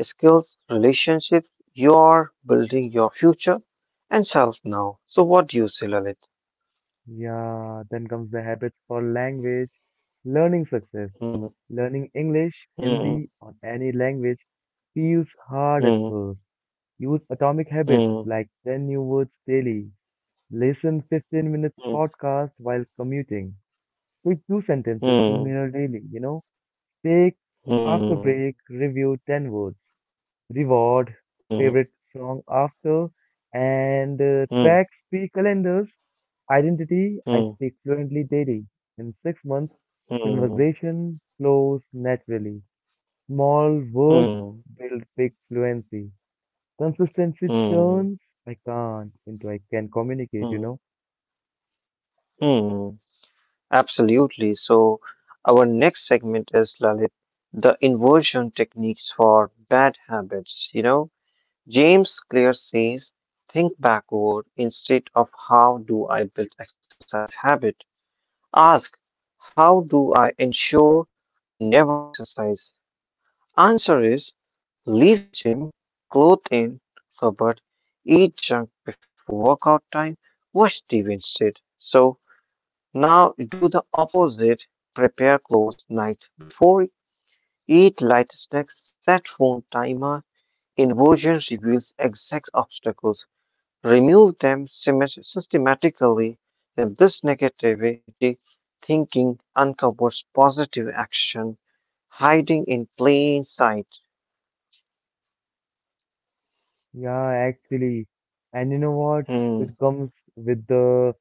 [SPEAKER 2] skills, relationships. You're building your future and self now. So what do you say, Lalit?
[SPEAKER 1] Yeah, then comes the habits for language. Learning success. Learning English,
[SPEAKER 2] Hmm.
[SPEAKER 1] Hindi, or any language feels hard at
[SPEAKER 2] Mm,
[SPEAKER 1] first. Use atomic habits
[SPEAKER 2] mm,
[SPEAKER 1] like 10 new words daily. Listen 15 minutes
[SPEAKER 2] mm,
[SPEAKER 1] podcast while commuting. Pick two sentences to
[SPEAKER 2] mm,
[SPEAKER 1] mirror daily, you know? Take after
[SPEAKER 2] mm,
[SPEAKER 1] break, review 10 words. Reward,
[SPEAKER 2] mm,
[SPEAKER 1] favorite song after, and
[SPEAKER 2] mm,
[SPEAKER 1] tracks, three calendars, identity, I
[SPEAKER 2] mm,
[SPEAKER 1] speak fluently daily. In 6 months,
[SPEAKER 2] mm,
[SPEAKER 1] conversation flows naturally. Small words
[SPEAKER 2] mm,
[SPEAKER 1] build big fluency. Consistency
[SPEAKER 2] mm,
[SPEAKER 1] turns I can't into I can communicate, you
[SPEAKER 2] mm,
[SPEAKER 1] know?
[SPEAKER 2] mm. Absolutely. So, our next segment is Lalit, the inversion techniques for bad habits. James Clear says, think backward instead of how do I build exercise habit. Ask, how do I ensure I never exercise? Answer is leave gym, clothed in, cupboard, eat junk before workout time, wash TV instead. So now do the opposite. Prepare clothes night before, eat light snacks, set phone timer. Inversion reveals exact obstacles. Remove them systematically. Then this negativity thinking uncovers positive action hiding in plain sight.
[SPEAKER 1] Yeah, actually. And you know what?
[SPEAKER 2] Hmm.
[SPEAKER 1] It comes with the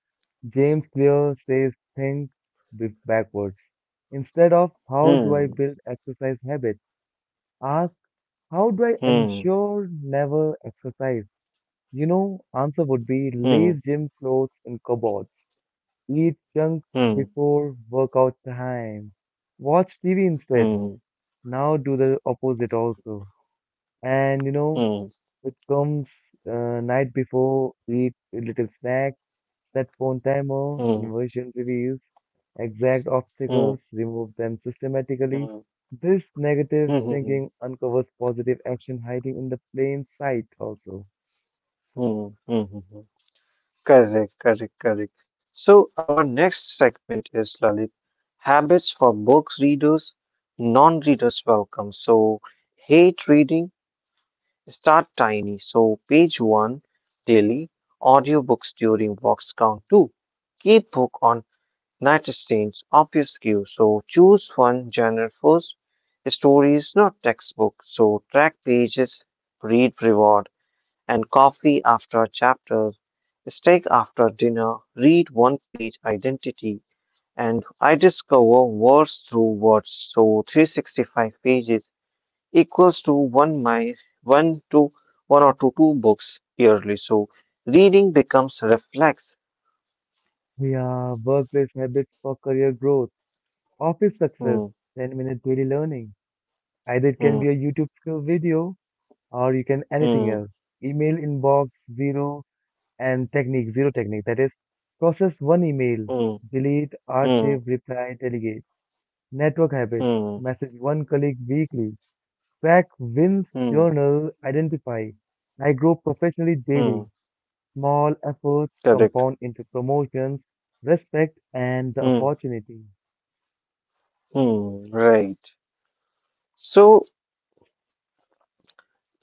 [SPEAKER 1] James Clear says think backwards. Instead of how do I
[SPEAKER 2] Hmm.
[SPEAKER 1] build exercise habits, ask how do I
[SPEAKER 2] Hmm.
[SPEAKER 1] ensure never exercise? You know, answer would be
[SPEAKER 2] Hmm.
[SPEAKER 1] leave gym clothes in cupboards, eat junk
[SPEAKER 2] Hmm.
[SPEAKER 1] before workout time, watch TV instead.
[SPEAKER 2] Hmm.
[SPEAKER 1] Now do the opposite also. And you know,
[SPEAKER 2] Hmm.
[SPEAKER 1] it comes night before, eat a little snack, set phone timer,
[SPEAKER 2] Hmm. Hmm.
[SPEAKER 1] inversion reviews exact
[SPEAKER 2] Hmm.
[SPEAKER 1] obstacles, remove them systematically.
[SPEAKER 2] Hmm.
[SPEAKER 1] This negative
[SPEAKER 2] Hmm.
[SPEAKER 1] thinking uncovers positive action hiding in the plain sight also.
[SPEAKER 2] Hmm. Hmm. Correct. Correct. Correct. So our next segment is Lalit habits for books readers, non-readers welcome. So hate reading. Start tiny. So page one daily. Audiobooks during walks count two. Keep book on nightstands obfuscue. So choose one genre first. Stories, not textbook. So track pages, read reward, and coffee after chapter. Steak after dinner, read one page identity, and I discover words through words. So 365 pages equals to one my one to one or two, books yearly. So reading becomes reflex.
[SPEAKER 1] Yeah, workplace habits for career growth, office success,
[SPEAKER 2] Hmm,
[SPEAKER 1] 10-minute daily learning. Either it can be
[SPEAKER 2] hmm,
[SPEAKER 1] a YouTube skill video or you can anything
[SPEAKER 2] hmm,
[SPEAKER 1] else. Email inbox zero and technique zero technique. That is, process one email,
[SPEAKER 2] hmm,
[SPEAKER 1] delete,
[SPEAKER 2] hmm.
[SPEAKER 1] archive, reply, delegate. Network habit,
[SPEAKER 2] Hmm,
[SPEAKER 1] message one colleague weekly. Track wins
[SPEAKER 2] hmm,
[SPEAKER 1] journal identify. I grow professionally
[SPEAKER 2] hmm,
[SPEAKER 1] daily. Small efforts
[SPEAKER 2] correct.
[SPEAKER 1] compound into promotions, respect, and the
[SPEAKER 2] Hmm,
[SPEAKER 1] opportunity.
[SPEAKER 2] hmm, right. So,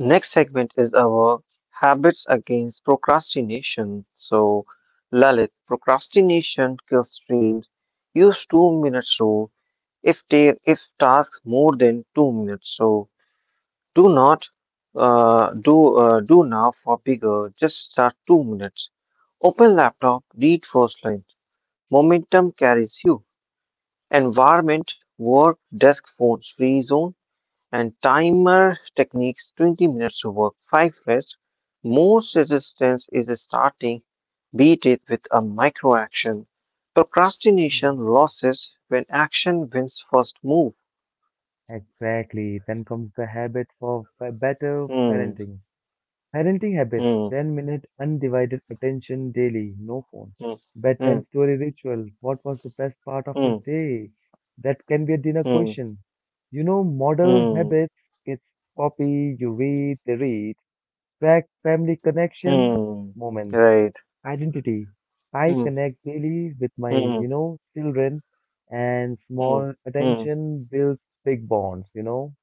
[SPEAKER 2] next segment is our habits against procrastination. So, Lalit, procrastination kills dreams. Use 2 minutes rule if tasks more than 2 minutes. So, do not do now for bigger. Just start 2 minutes. Open laptop. Read first line. Momentum carries you. Environment, work, desk phones free zone, and timer techniques 20 minutes to work, 5 rest. Most resistance is starting, beat it with a micro action. Procrastination
[SPEAKER 1] Mm,
[SPEAKER 2] losses when action wins first move.
[SPEAKER 1] exactly. Then comes the habit for better
[SPEAKER 2] Hmm,
[SPEAKER 1] parenting. Parenting habits
[SPEAKER 2] hmm,
[SPEAKER 1] 10-minute undivided attention daily, no phone.
[SPEAKER 2] hmm, hmm,
[SPEAKER 1] Bedtime story ritual. What was the best part of your day? That can be a dinner
[SPEAKER 2] hmm,
[SPEAKER 1] question. You know, model
[SPEAKER 2] hmm,
[SPEAKER 1] habits, kids copy, you read, they read.
[SPEAKER 2] hmm, hmm,
[SPEAKER 1] Track family connection,
[SPEAKER 2] hmm.
[SPEAKER 1] moments,
[SPEAKER 2] Right.
[SPEAKER 1] identity. I
[SPEAKER 2] Hmm,
[SPEAKER 1] connect daily with my, you
[SPEAKER 2] hmm,
[SPEAKER 1] know, children and
[SPEAKER 2] hmm,
[SPEAKER 1] small
[SPEAKER 2] hmm.
[SPEAKER 1] attention builds big bonds, you know.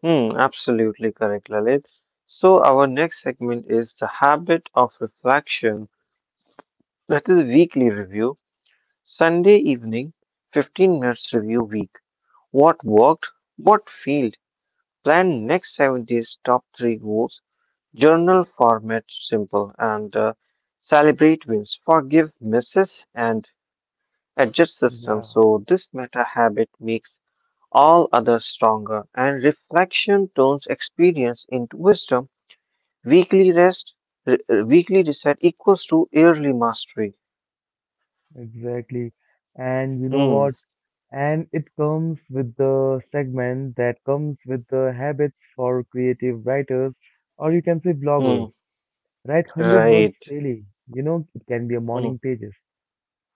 [SPEAKER 2] Hmm, absolutely correct, Lalit. So, our next segment is the habit of reflection. That is weekly review, Sunday evening, 15 minutes review week. What worked, what failed. Plan next 7 days top three goals. Journal format simple and celebrate wins, forgive misses, and adjust system.
[SPEAKER 1] Yeah,
[SPEAKER 2] So, this meta habit makes all others stronger, and reflection turns experience into wisdom. Weekly rest, weekly reset equals to yearly mastery.
[SPEAKER 1] exactly. And you know
[SPEAKER 2] Hmm,
[SPEAKER 1] what? And it comes with the segment that comes with the habits for creative writers, or you can say
[SPEAKER 2] hmm,
[SPEAKER 1] bloggers. Write 100 words
[SPEAKER 2] right.
[SPEAKER 1] daily. You know, it can be a
[SPEAKER 2] Hmm,
[SPEAKER 1] morning pages.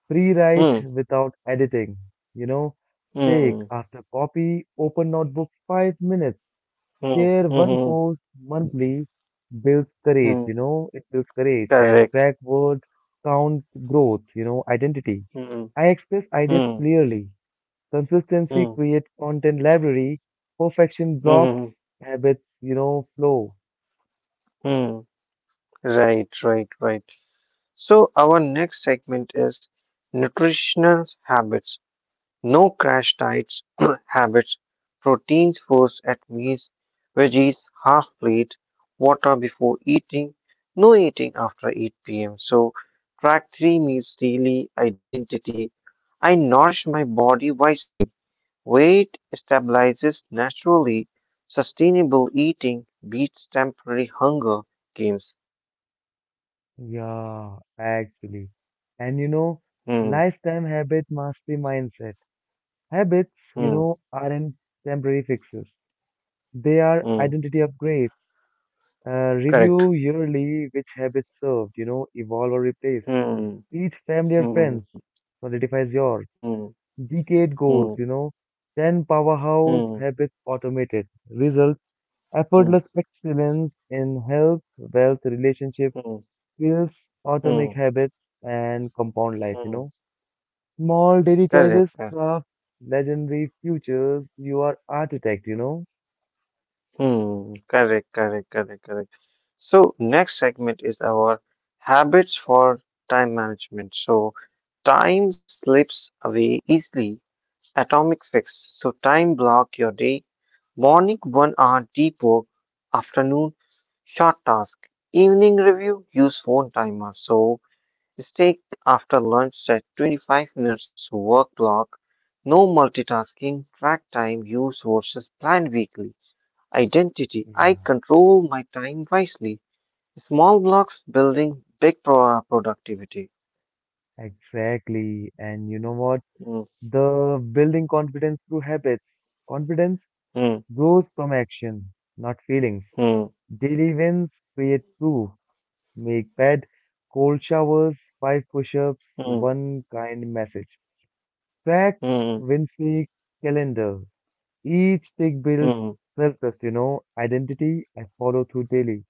[SPEAKER 1] Pre-write
[SPEAKER 2] hmm,
[SPEAKER 1] without editing, you know, take
[SPEAKER 2] hmm,
[SPEAKER 1] after copy, open notebook 5 minutes,
[SPEAKER 2] hmm,
[SPEAKER 1] share
[SPEAKER 2] hmm,
[SPEAKER 1] one
[SPEAKER 2] hmm,
[SPEAKER 1] post monthly, builds courage,
[SPEAKER 2] hmm,
[SPEAKER 1] you know, it builds courage and
[SPEAKER 2] correct.
[SPEAKER 1] track word count growth, you know, identity.
[SPEAKER 2] Hmm,
[SPEAKER 1] I express ideas
[SPEAKER 2] hmm,
[SPEAKER 1] clearly. Consistency
[SPEAKER 2] hmm,
[SPEAKER 1] creates content library. Perfection blocks
[SPEAKER 2] hmm,
[SPEAKER 1] habits, you know, flow.
[SPEAKER 2] hmm, right, right, right. So, our next segment is nutritional habits. No crash diets habits, proteins first at meals, veggies half plate, water before eating, no eating after 8 p.m. So track three meals daily identity. I nourish my body wisely. Weight stabilizes naturally. Sustainable eating beats temporary hunger games.
[SPEAKER 1] Yeah, actually. And you know,
[SPEAKER 2] Hmm,
[SPEAKER 1] lifetime habit mastery mindset. Habits, you
[SPEAKER 2] hmm,
[SPEAKER 1] know, aren't temporary fixes. They are
[SPEAKER 2] hmm.
[SPEAKER 1] identity upgrades.
[SPEAKER 2] Correct.
[SPEAKER 1] Review yearly which habits served, you know, evolve or replace.
[SPEAKER 2] Hmm,
[SPEAKER 1] Each family or
[SPEAKER 2] hmm,
[SPEAKER 1] friends solidifies yours.
[SPEAKER 2] hmm,
[SPEAKER 1] Decade
[SPEAKER 2] hmm, hmm,
[SPEAKER 1] goals, you know, 10 powerhouse
[SPEAKER 2] hmm,
[SPEAKER 1] habits automated. Result,
[SPEAKER 2] hmm,
[SPEAKER 1] effortless excellence in health, wealth, relationship,
[SPEAKER 2] hmm.
[SPEAKER 1] skills,
[SPEAKER 2] Hmm.
[SPEAKER 1] atomic habits, and compound life, you
[SPEAKER 2] Hmm,
[SPEAKER 1] know. Small daily
[SPEAKER 2] correct.
[SPEAKER 1] choices craft legendary futures. You are architect, you know.
[SPEAKER 2] Hmm, correct, correct, correct, correct. So next segment is our habits for time management. So time slips away easily. Atomic fix. So time block your day. Morning 1 hour deep work. Afternoon short task. Evening review. Use phone timer. So steak after lunch set 25 minutes work block. No multitasking. Track time use versus planned weekly. Identity. I
[SPEAKER 1] Yeah,
[SPEAKER 2] control my time wisely. Small blocks building big productivity.
[SPEAKER 1] exactly. And you know what?
[SPEAKER 2] Hmm,
[SPEAKER 1] The building confidence through habits. Confidence
[SPEAKER 2] hmm,
[SPEAKER 1] grows from action, not feelings.
[SPEAKER 2] hmm,
[SPEAKER 1] Daily wins create proof. Make bed, cold showers, five push-ups,
[SPEAKER 2] hmm,
[SPEAKER 1] one kind message. Track,
[SPEAKER 2] hmm,
[SPEAKER 1] win streak, calendar. Each tick builds
[SPEAKER 2] hmm,
[SPEAKER 1] self-trust, you know, identity I follow through daily.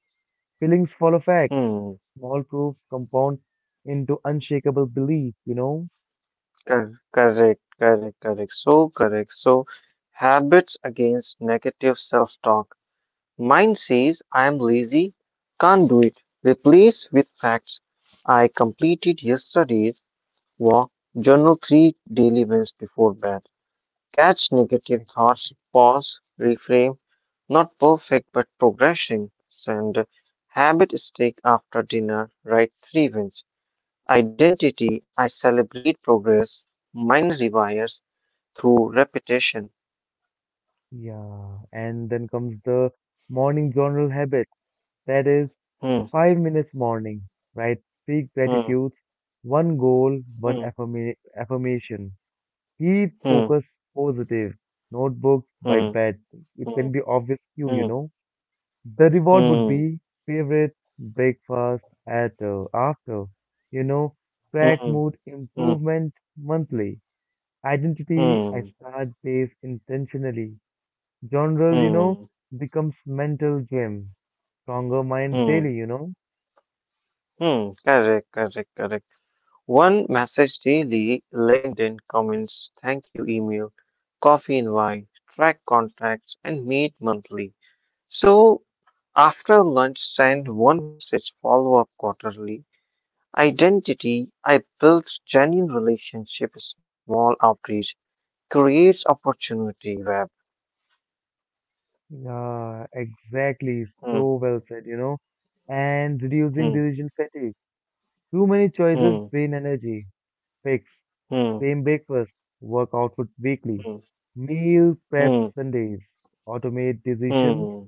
[SPEAKER 1] Feelings follow facts.
[SPEAKER 2] hmm.
[SPEAKER 1] Small proofs compound into unshakable belief, you know?
[SPEAKER 2] Correct, correct, correct. So correct. So habits against negative self-talk. Mine says I am lazy, can't do it. Replace with facts. I completed yesterday's walk, journal three daily wins before bed. Catch negative thoughts,
[SPEAKER 1] Exactly.
[SPEAKER 2] pause, reframe. Not perfect, but progressing. And habit stick after dinner, write three wins. Identity, I celebrate progress. Mind rewires through repetition.
[SPEAKER 1] Yeah, and then comes the morning journal habit. That is
[SPEAKER 2] Hmm,
[SPEAKER 1] 5 minutes morning, right? Three
[SPEAKER 2] hmm,
[SPEAKER 1] gratitudes, one goal, one
[SPEAKER 2] hmm,
[SPEAKER 1] affirma affirmation. Keep
[SPEAKER 2] hmm,
[SPEAKER 1] focus positive. Notebooks by
[SPEAKER 2] hmm,
[SPEAKER 1] bed. It
[SPEAKER 2] hmm,
[SPEAKER 1] can be obvious cue, you
[SPEAKER 2] hmm.
[SPEAKER 1] know. The reward would
[SPEAKER 2] Hmm.
[SPEAKER 1] be favorite breakfast at after. You know, track
[SPEAKER 2] Mm,
[SPEAKER 1] mood
[SPEAKER 2] mm,
[SPEAKER 1] improvement monthly. Identity,
[SPEAKER 2] mm,
[SPEAKER 1] I start days intentionally. Genre, you know,
[SPEAKER 2] mm,
[SPEAKER 1] becomes mental game. Stronger mind
[SPEAKER 2] mm,
[SPEAKER 1] daily, you know.
[SPEAKER 2] mm. Correct, correct, correct. One message daily, LinkedIn comments, thank you email, coffee invite, track contacts, and meet monthly. So after lunch, send one message, follow up quarterly. Identity, I built genuine relationship, small outreach, creates opportunity web.
[SPEAKER 1] Yeah, exactly. So
[SPEAKER 2] Mm,
[SPEAKER 1] well said, you know. And reducing
[SPEAKER 2] mm,
[SPEAKER 1] decision fatigue. Too many choices
[SPEAKER 2] mm,
[SPEAKER 1] drain energy. Fix.
[SPEAKER 2] mm,
[SPEAKER 1] Same breakfast. Work output weekly.
[SPEAKER 2] mm,
[SPEAKER 1] Meal prep
[SPEAKER 2] mm,
[SPEAKER 1] Sundays. Automate decisions.
[SPEAKER 2] mm.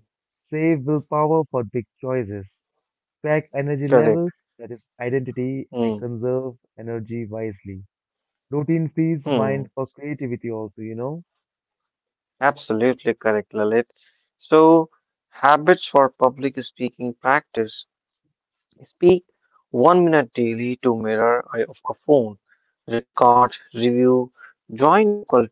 [SPEAKER 1] Save willpower for big choices. Track energy
[SPEAKER 2] Correct.
[SPEAKER 1] levels. That is identity. I
[SPEAKER 2] Mm,
[SPEAKER 1] conserve energy wisely. Routine frees mind
[SPEAKER 2] hmm,
[SPEAKER 1] for creativity also, you know?
[SPEAKER 2] absolutely correct, Lalit. So, habits for public speaking practice. Speak 1 minute daily to mirror a phone. Record, review, join local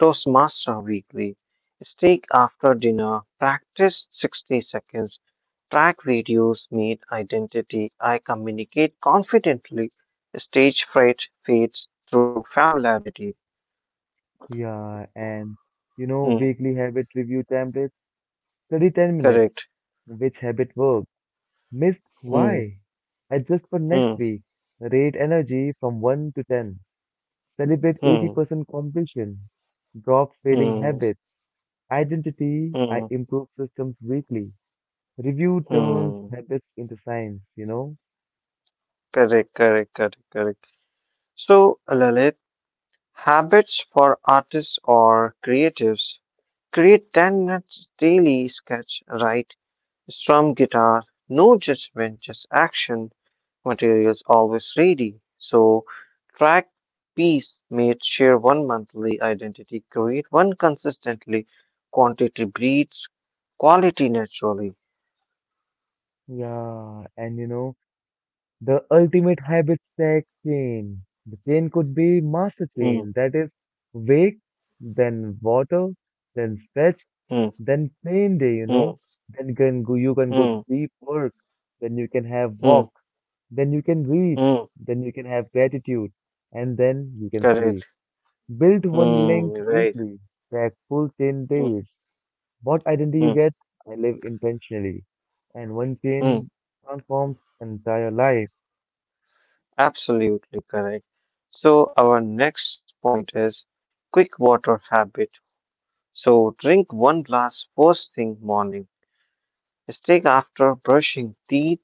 [SPEAKER 2] Toastmaster weekly. Speak after dinner. Practice 60 seconds. Track videos, meet identity. I communicate confidently. Stage fright fades through familiarity.
[SPEAKER 1] Yeah, and you know,
[SPEAKER 2] Hmm,
[SPEAKER 1] weekly habit review templates, study 10 minutes,
[SPEAKER 2] correct.
[SPEAKER 1] which habit worked, missed,
[SPEAKER 2] Hmm,
[SPEAKER 1] why? Adjust for next
[SPEAKER 2] hmm.
[SPEAKER 1] week, rate energy from 1 to 10, celebrate
[SPEAKER 2] Hmm,
[SPEAKER 1] 80% completion, drop failing
[SPEAKER 2] hmm,
[SPEAKER 1] habits, identity, I
[SPEAKER 2] hmm,
[SPEAKER 1] improve systems weekly, review turns
[SPEAKER 2] hmm.
[SPEAKER 1] habits into science, you know?
[SPEAKER 2] Correct, correct, correct, correct. So, Lalit, habits for artists or creatives. Create 10 minutes daily sketch, write, strum guitar, no judgment, just action. Materials always ready. So, track piece made, share one monthly identity, create one consistently. Quantity breeds quality naturally.
[SPEAKER 1] Yeah, and you know, the ultimate habit stack chain. The chain could be master
[SPEAKER 2] Hmm,
[SPEAKER 1] chain that is wake, then water, then stretch,
[SPEAKER 2] hmm,
[SPEAKER 1] then plain day, you
[SPEAKER 2] hmm,
[SPEAKER 1] know. Then you can go to
[SPEAKER 2] hmm,
[SPEAKER 1] deep work, then you can have
[SPEAKER 2] hmm.
[SPEAKER 1] walk, then you can read,
[SPEAKER 2] Mm,
[SPEAKER 1] then you can have gratitude, and then you can sleep.
[SPEAKER 2] correct.
[SPEAKER 1] Build one link
[SPEAKER 2] Mm, right.
[SPEAKER 1] weekly, track full chain
[SPEAKER 2] Mm,
[SPEAKER 1] days. What identity
[SPEAKER 2] mm,
[SPEAKER 1] you get? I live intentionally. And one
[SPEAKER 2] mm,
[SPEAKER 1] chain transforms entire life.
[SPEAKER 2] absolutely correct. So our next point is quick water habit. So drink one glass first thing morning. Take after brushing teeth,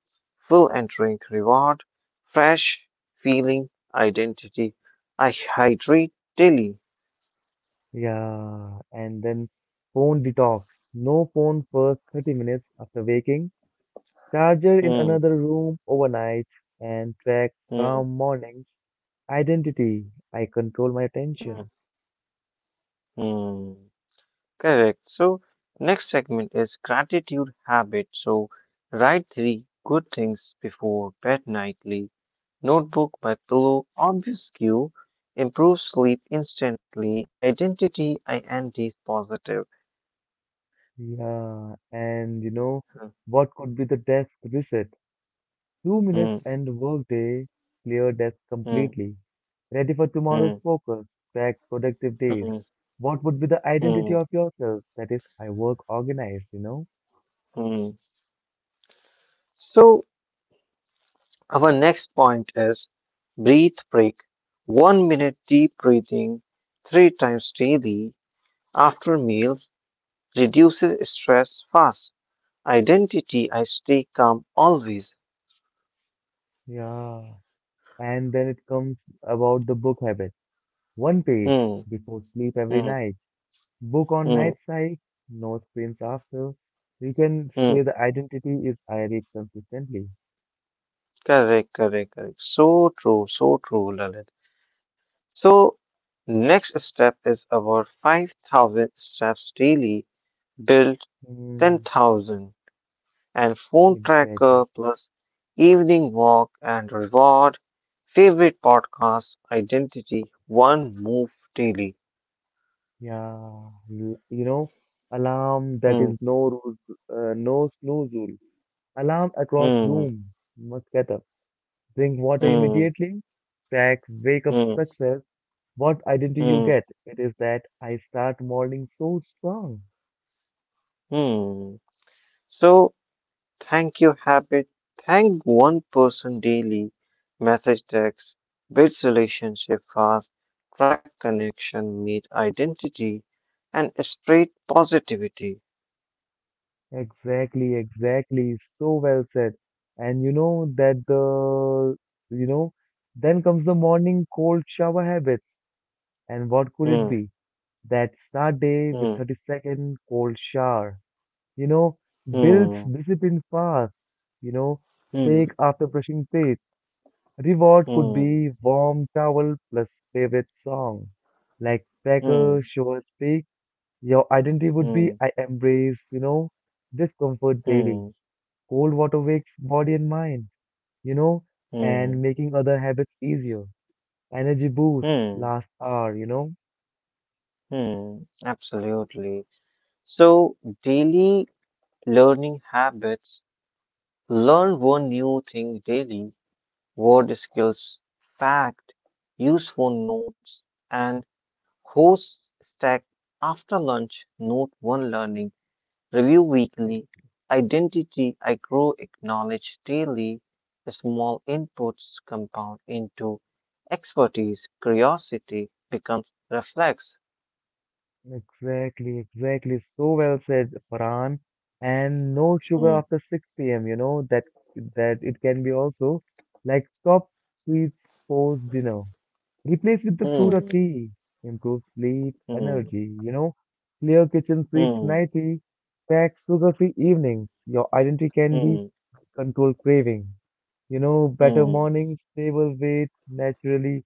[SPEAKER 2] fill and drink reward, fresh feeling identity. I hydrate daily.
[SPEAKER 1] Yeah, and then phone detox. No phone first 30 minutes after waking, charger in
[SPEAKER 2] Mm,
[SPEAKER 1] another room overnight, and track
[SPEAKER 2] mm,
[SPEAKER 1] calm mornings. Identity. I control my
[SPEAKER 2] mm,
[SPEAKER 1] attention.
[SPEAKER 2] mm. Correct. So, next segment is gratitude habit. So, write three good things before bed nightly. Notebook by pillow, obvious cue. Improve sleep instantly. Identity, I am these positive.
[SPEAKER 1] Yeah, and what could be the desk reset? 2 minutes
[SPEAKER 2] Hmm,
[SPEAKER 1] and workday, clear desk
[SPEAKER 2] hmm,
[SPEAKER 1] completely. Ready for tomorrow's
[SPEAKER 2] hmm,
[SPEAKER 1] focus, track productive days.
[SPEAKER 2] hmm,
[SPEAKER 1] What would be the identity
[SPEAKER 2] hmm,
[SPEAKER 1] of yourself? That is, I work organized, you know?
[SPEAKER 2] hmm. So, our next point is breathe break. 1 minute deep breathing three times daily after meals reduces stress fast. Identity, I stay calm always.
[SPEAKER 1] Yeah. And then it comes about the book habit. One page
[SPEAKER 2] Hmm,
[SPEAKER 1] before sleep every
[SPEAKER 2] hmm,
[SPEAKER 1] night. Book on
[SPEAKER 2] hmm,
[SPEAKER 1] night side, no screens after. We can
[SPEAKER 2] hmm.
[SPEAKER 1] say the identity is I read consistently.
[SPEAKER 2] Correct, correct, correct. So true, Lalit. So, next step is about 5,000 steps daily, build
[SPEAKER 1] Mm.
[SPEAKER 2] 10,000, and phone
[SPEAKER 1] Exactly.
[SPEAKER 2] tracker plus evening walk and reward. Favorite podcast, identity, one move daily.
[SPEAKER 1] Yeah. You know, alarm that
[SPEAKER 2] Hmm,
[SPEAKER 1] is no rules, no snooze rule. Alarm across
[SPEAKER 2] hmm,
[SPEAKER 1] room. Must get up. Drink water
[SPEAKER 2] hmm,
[SPEAKER 1] immediately. Track wake up
[SPEAKER 2] hmm,
[SPEAKER 1] success. What identity you
[SPEAKER 2] hmm,
[SPEAKER 1] get? It is that I start morning so strong.
[SPEAKER 2] hmm. So, thank you habit. Thank one person daily. Message text. Builds relationship fast. Track connection. Meet identity. And spread positivity.
[SPEAKER 1] Exactly, exactly. So well said. And you know that the, you know, then comes the morning cold shower habits. And what could it
[SPEAKER 2] Hmm.
[SPEAKER 1] be? That start day with
[SPEAKER 2] Hmm.
[SPEAKER 1] 30-second cold shower. You know, builds
[SPEAKER 2] Hmm.
[SPEAKER 1] discipline fast. You know,
[SPEAKER 2] Hmm.
[SPEAKER 1] take after brushing teeth. Reward could
[SPEAKER 2] Hmm.
[SPEAKER 1] be warm towel plus favorite song. Like cracker,
[SPEAKER 2] Hmm.
[SPEAKER 1] shower speak. Your identity would
[SPEAKER 2] Hmm.
[SPEAKER 1] be I embrace, discomfort daily.
[SPEAKER 2] Hmm.
[SPEAKER 1] Cold water wakes body and mind, you know, and
[SPEAKER 2] Hmm.
[SPEAKER 1] making other habits easier. Energy boost
[SPEAKER 2] Hmm.
[SPEAKER 1] last hour.
[SPEAKER 2] Hmm. Absolutely. So daily learning habits. Learn one new thing daily. Word skills, fact, useful notes, and host stack after lunch, note one learning, review weekly,
[SPEAKER 1] Ex-
[SPEAKER 2] identity, I grow, acknowledge daily, small inputs compound into expertise, curiosity becomes reflex.
[SPEAKER 1] Exactly, exactly. So well said, Farhan. And no sugar
[SPEAKER 2] Hmm,
[SPEAKER 1] after 6 p.m., that it can be also like stop sweets post dinner. Replace with the fruit or
[SPEAKER 2] hmm,
[SPEAKER 1] tea. Improve sleep,
[SPEAKER 2] hmm,
[SPEAKER 1] energy. Clear kitchen sweets
[SPEAKER 2] hmm,
[SPEAKER 1] nightly. Pack sugar-free evenings. Your identity can be
[SPEAKER 2] hmm,
[SPEAKER 1] control craving. Better
[SPEAKER 2] hmm.
[SPEAKER 1] mornings, stable weight naturally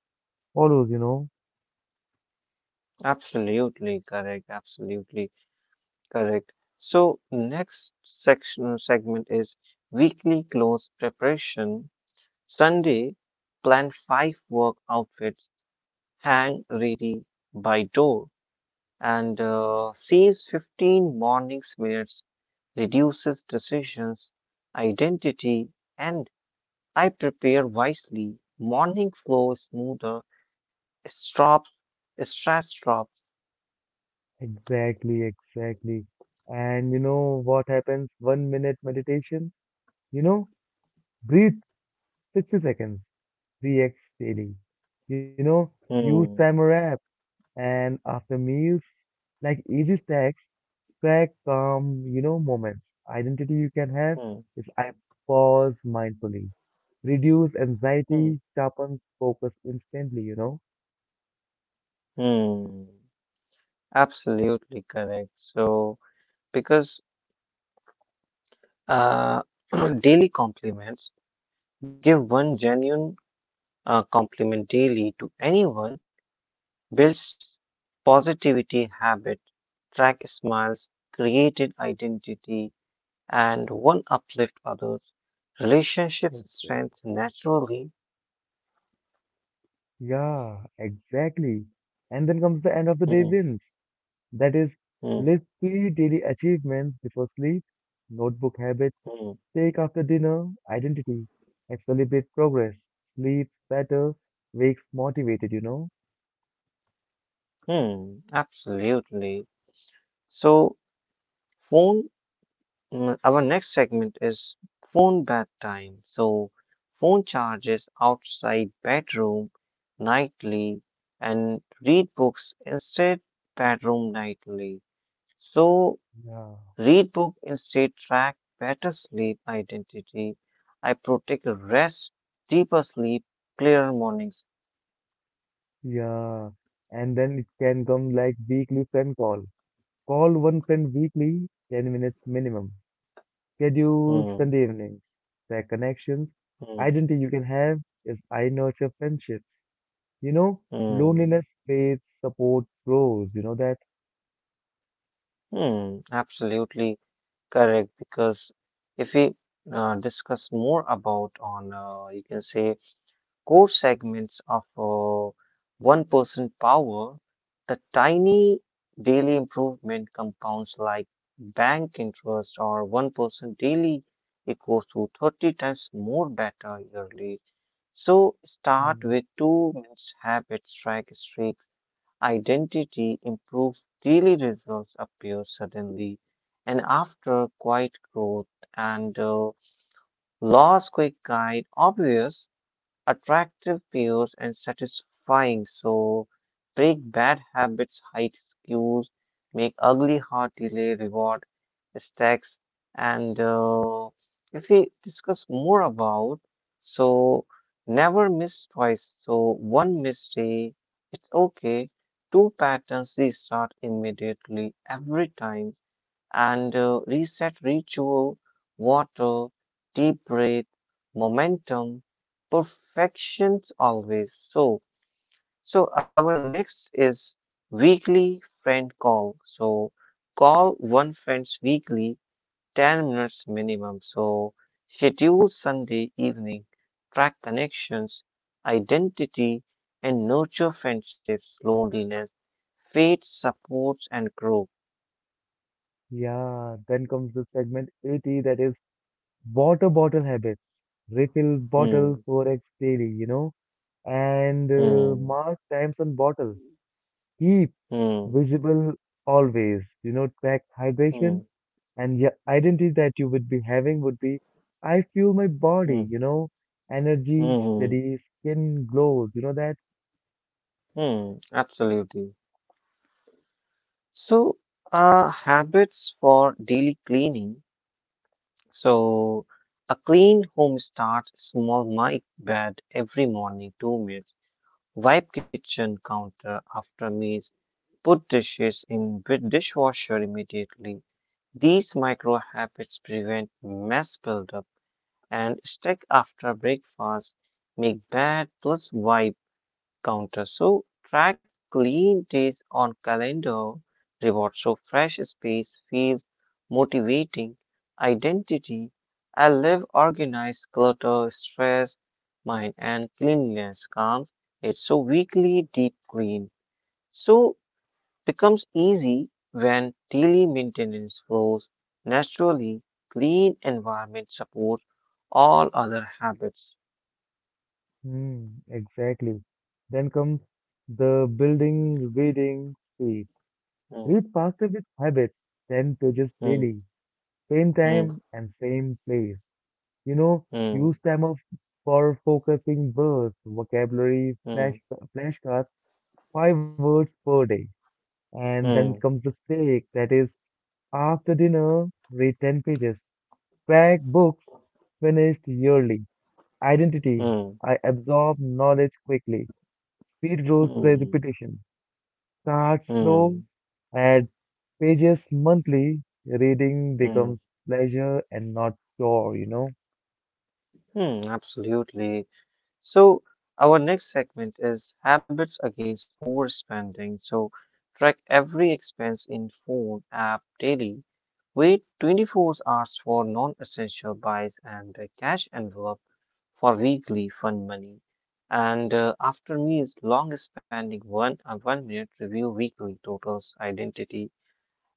[SPEAKER 1] follows.
[SPEAKER 2] Absolutely correct, absolutely correct. So next section segment is weekly clothes preparation. Sunday, plan five work outfits, hang ready by door, and saves 15 mornings minutes, reduces decisions, identity, and I prepare wisely. Morning flow is smoother, strop, stress drops.
[SPEAKER 1] Exactly, exactly. And you know what happens? 1 minute meditation, you know, breathe 60 seconds, 3x daily. You know, use
[SPEAKER 2] Hmm,
[SPEAKER 1] timer app and after meals, like easy stacks, track calm, moments. Identity you can have
[SPEAKER 2] hmm,
[SPEAKER 1] is I pause mindfully reduce anxiety,
[SPEAKER 2] hmm,
[SPEAKER 1] sharpens focus instantly, you know?
[SPEAKER 2] hmm. Absolutely correct. So, because uh, daily compliments, give one genuine compliment daily to anyone, builds positivity habit, track smiles, created identity, and one uplift others. Relationships
[SPEAKER 1] Okay.
[SPEAKER 2] strength naturally.
[SPEAKER 1] Yeah, exactly. And then comes the end of the day
[SPEAKER 2] Hmm,
[SPEAKER 1] wins. That is,
[SPEAKER 2] hmm,
[SPEAKER 1] list three daily achievements before sleep, notebook habits,
[SPEAKER 2] hmm,
[SPEAKER 1] take after dinner, identity, and celebrate progress. Sleeps better, wakes motivated, you know?
[SPEAKER 2] hmm, absolutely. So, phone our next segment is phone bedtime. So, phone charges outside bedroom nightly and read books instead bedroom nightly. So,
[SPEAKER 1] Yeah.
[SPEAKER 2] read book instead track better sleep identity. I protect rest, deeper sleep, clearer mornings.
[SPEAKER 1] Yeah. And then it can come like weekly friend call. Call one friend weekly, 10 minutes minimum. Schedule
[SPEAKER 2] Hmm,
[SPEAKER 1] Sunday evenings. Their connections.
[SPEAKER 2] hmm,
[SPEAKER 1] Identity you can have is I nurture friendships. You know,
[SPEAKER 2] hmm,
[SPEAKER 1] loneliness fades, support grows. You know that?
[SPEAKER 2] hmm. Absolutely correct, because if we discuss more about on you can say core segments of 1% power, the tiny daily improvement compounds like bank interest or 1% daily equals to 30 times more better yearly. So start
[SPEAKER 1] Mm.
[SPEAKER 2] with 2 minutes habit strike streak identity improves daily results appear suddenly and after quiet growth and loss quick guide obvious attractive peers and satisfying. So break bad habits, hide cues, make ugly heart delay, reward stacks. And if we discuss more about, so never miss twice. So one mistake, it's okay. Two patterns restart immediately every time and reset ritual, water, deep breath, momentum, perfections always. So our next is weekly friend call. So, call one friends weekly, 10 minutes minimum. So, schedule Sunday evening, track connections, identity, and nurture friendships, loneliness, faith, supports, and grow.
[SPEAKER 1] Yeah. Then comes the segment 80 that is water bottle habits. Refill bottle
[SPEAKER 2] Hmm,
[SPEAKER 1] 4x daily, and
[SPEAKER 2] hmm,
[SPEAKER 1] mark times on bottle. Keep
[SPEAKER 2] hmm.
[SPEAKER 1] visible always, track
[SPEAKER 2] Hmm.
[SPEAKER 1] hydration and your identity that you would be having would be I feel my body,
[SPEAKER 2] Hmm.
[SPEAKER 1] energy,
[SPEAKER 2] Mhm,
[SPEAKER 1] steady, skin glows, you know that?
[SPEAKER 2] hmm. Hmm, absolutely. So, habits for daily cleaning. So, a clean home starts small. My bed every morning, 2 minutes. Wipe kitchen counter after meals. Put dishes in with dishwasher immediately. These micro habits prevent mess buildup and stick after breakfast. Make bed plus wipe counter. So track clean days on calendar rewards. So fresh space feels motivating. Identity. I live organized clutter, stress, mind and cleanliness calms it. So weekly deep clean. So becomes easy when daily maintenance flows naturally. Clean environment supports all other habits.
[SPEAKER 1] Hmm. Exactly. Then comes the building reading speed.
[SPEAKER 2] Hmm,
[SPEAKER 1] Read faster with habits, 10 pages
[SPEAKER 2] hmm,
[SPEAKER 1] daily, same
[SPEAKER 2] hmm,
[SPEAKER 1] time and same place. You know, use
[SPEAKER 2] hmm,
[SPEAKER 1] time of for focusing words, vocabulary, flash
[SPEAKER 2] hmm,
[SPEAKER 1] flashcards, five words per day. And then comes
[SPEAKER 2] hmm.
[SPEAKER 1] the steak, that is after dinner, read 10 pages. Crack books, finished yearly. Identity,
[SPEAKER 2] Mm,
[SPEAKER 1] I absorb knowledge quickly. Speed grows by
[SPEAKER 2] mm,
[SPEAKER 1] repetition. Start slow,
[SPEAKER 2] mm,
[SPEAKER 1] add pages monthly. Reading
[SPEAKER 2] mm,
[SPEAKER 1] becomes pleasure and not chore, you know?
[SPEAKER 2] mm, absolutely. So, our next segment is habits against overspending. So, track every expense in phone app daily. Wait 24 hours for non-essential buys and a cash envelope for weekly fun money. And after meals, long spending 1 minute review weekly totals identity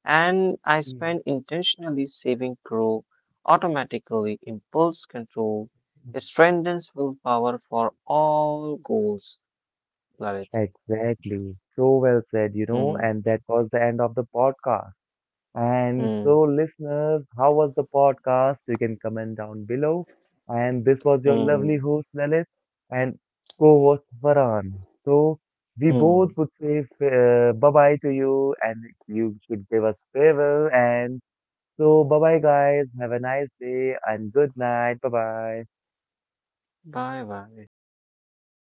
[SPEAKER 2] and I
[SPEAKER 1] Yeah.
[SPEAKER 2] spend intentionally saving grow automatically impulse control
[SPEAKER 1] Mm.
[SPEAKER 2] strengthens willpower for all goals. Love it.
[SPEAKER 1] Exactly. So well said,
[SPEAKER 2] Hmm.
[SPEAKER 1] and that was the end of the podcast. And
[SPEAKER 2] Hmm.
[SPEAKER 1] so, listeners, how was the podcast? You can comment down below. And this was your
[SPEAKER 2] Hmm.
[SPEAKER 1] lovely host, Lalit, and co host, Varan. So, we
[SPEAKER 2] Hmm.
[SPEAKER 1] both would say bye bye to you, and you should give us farewell. And so, bye bye, guys. Have a nice day and good night. Bye bye.
[SPEAKER 2] Bye bye.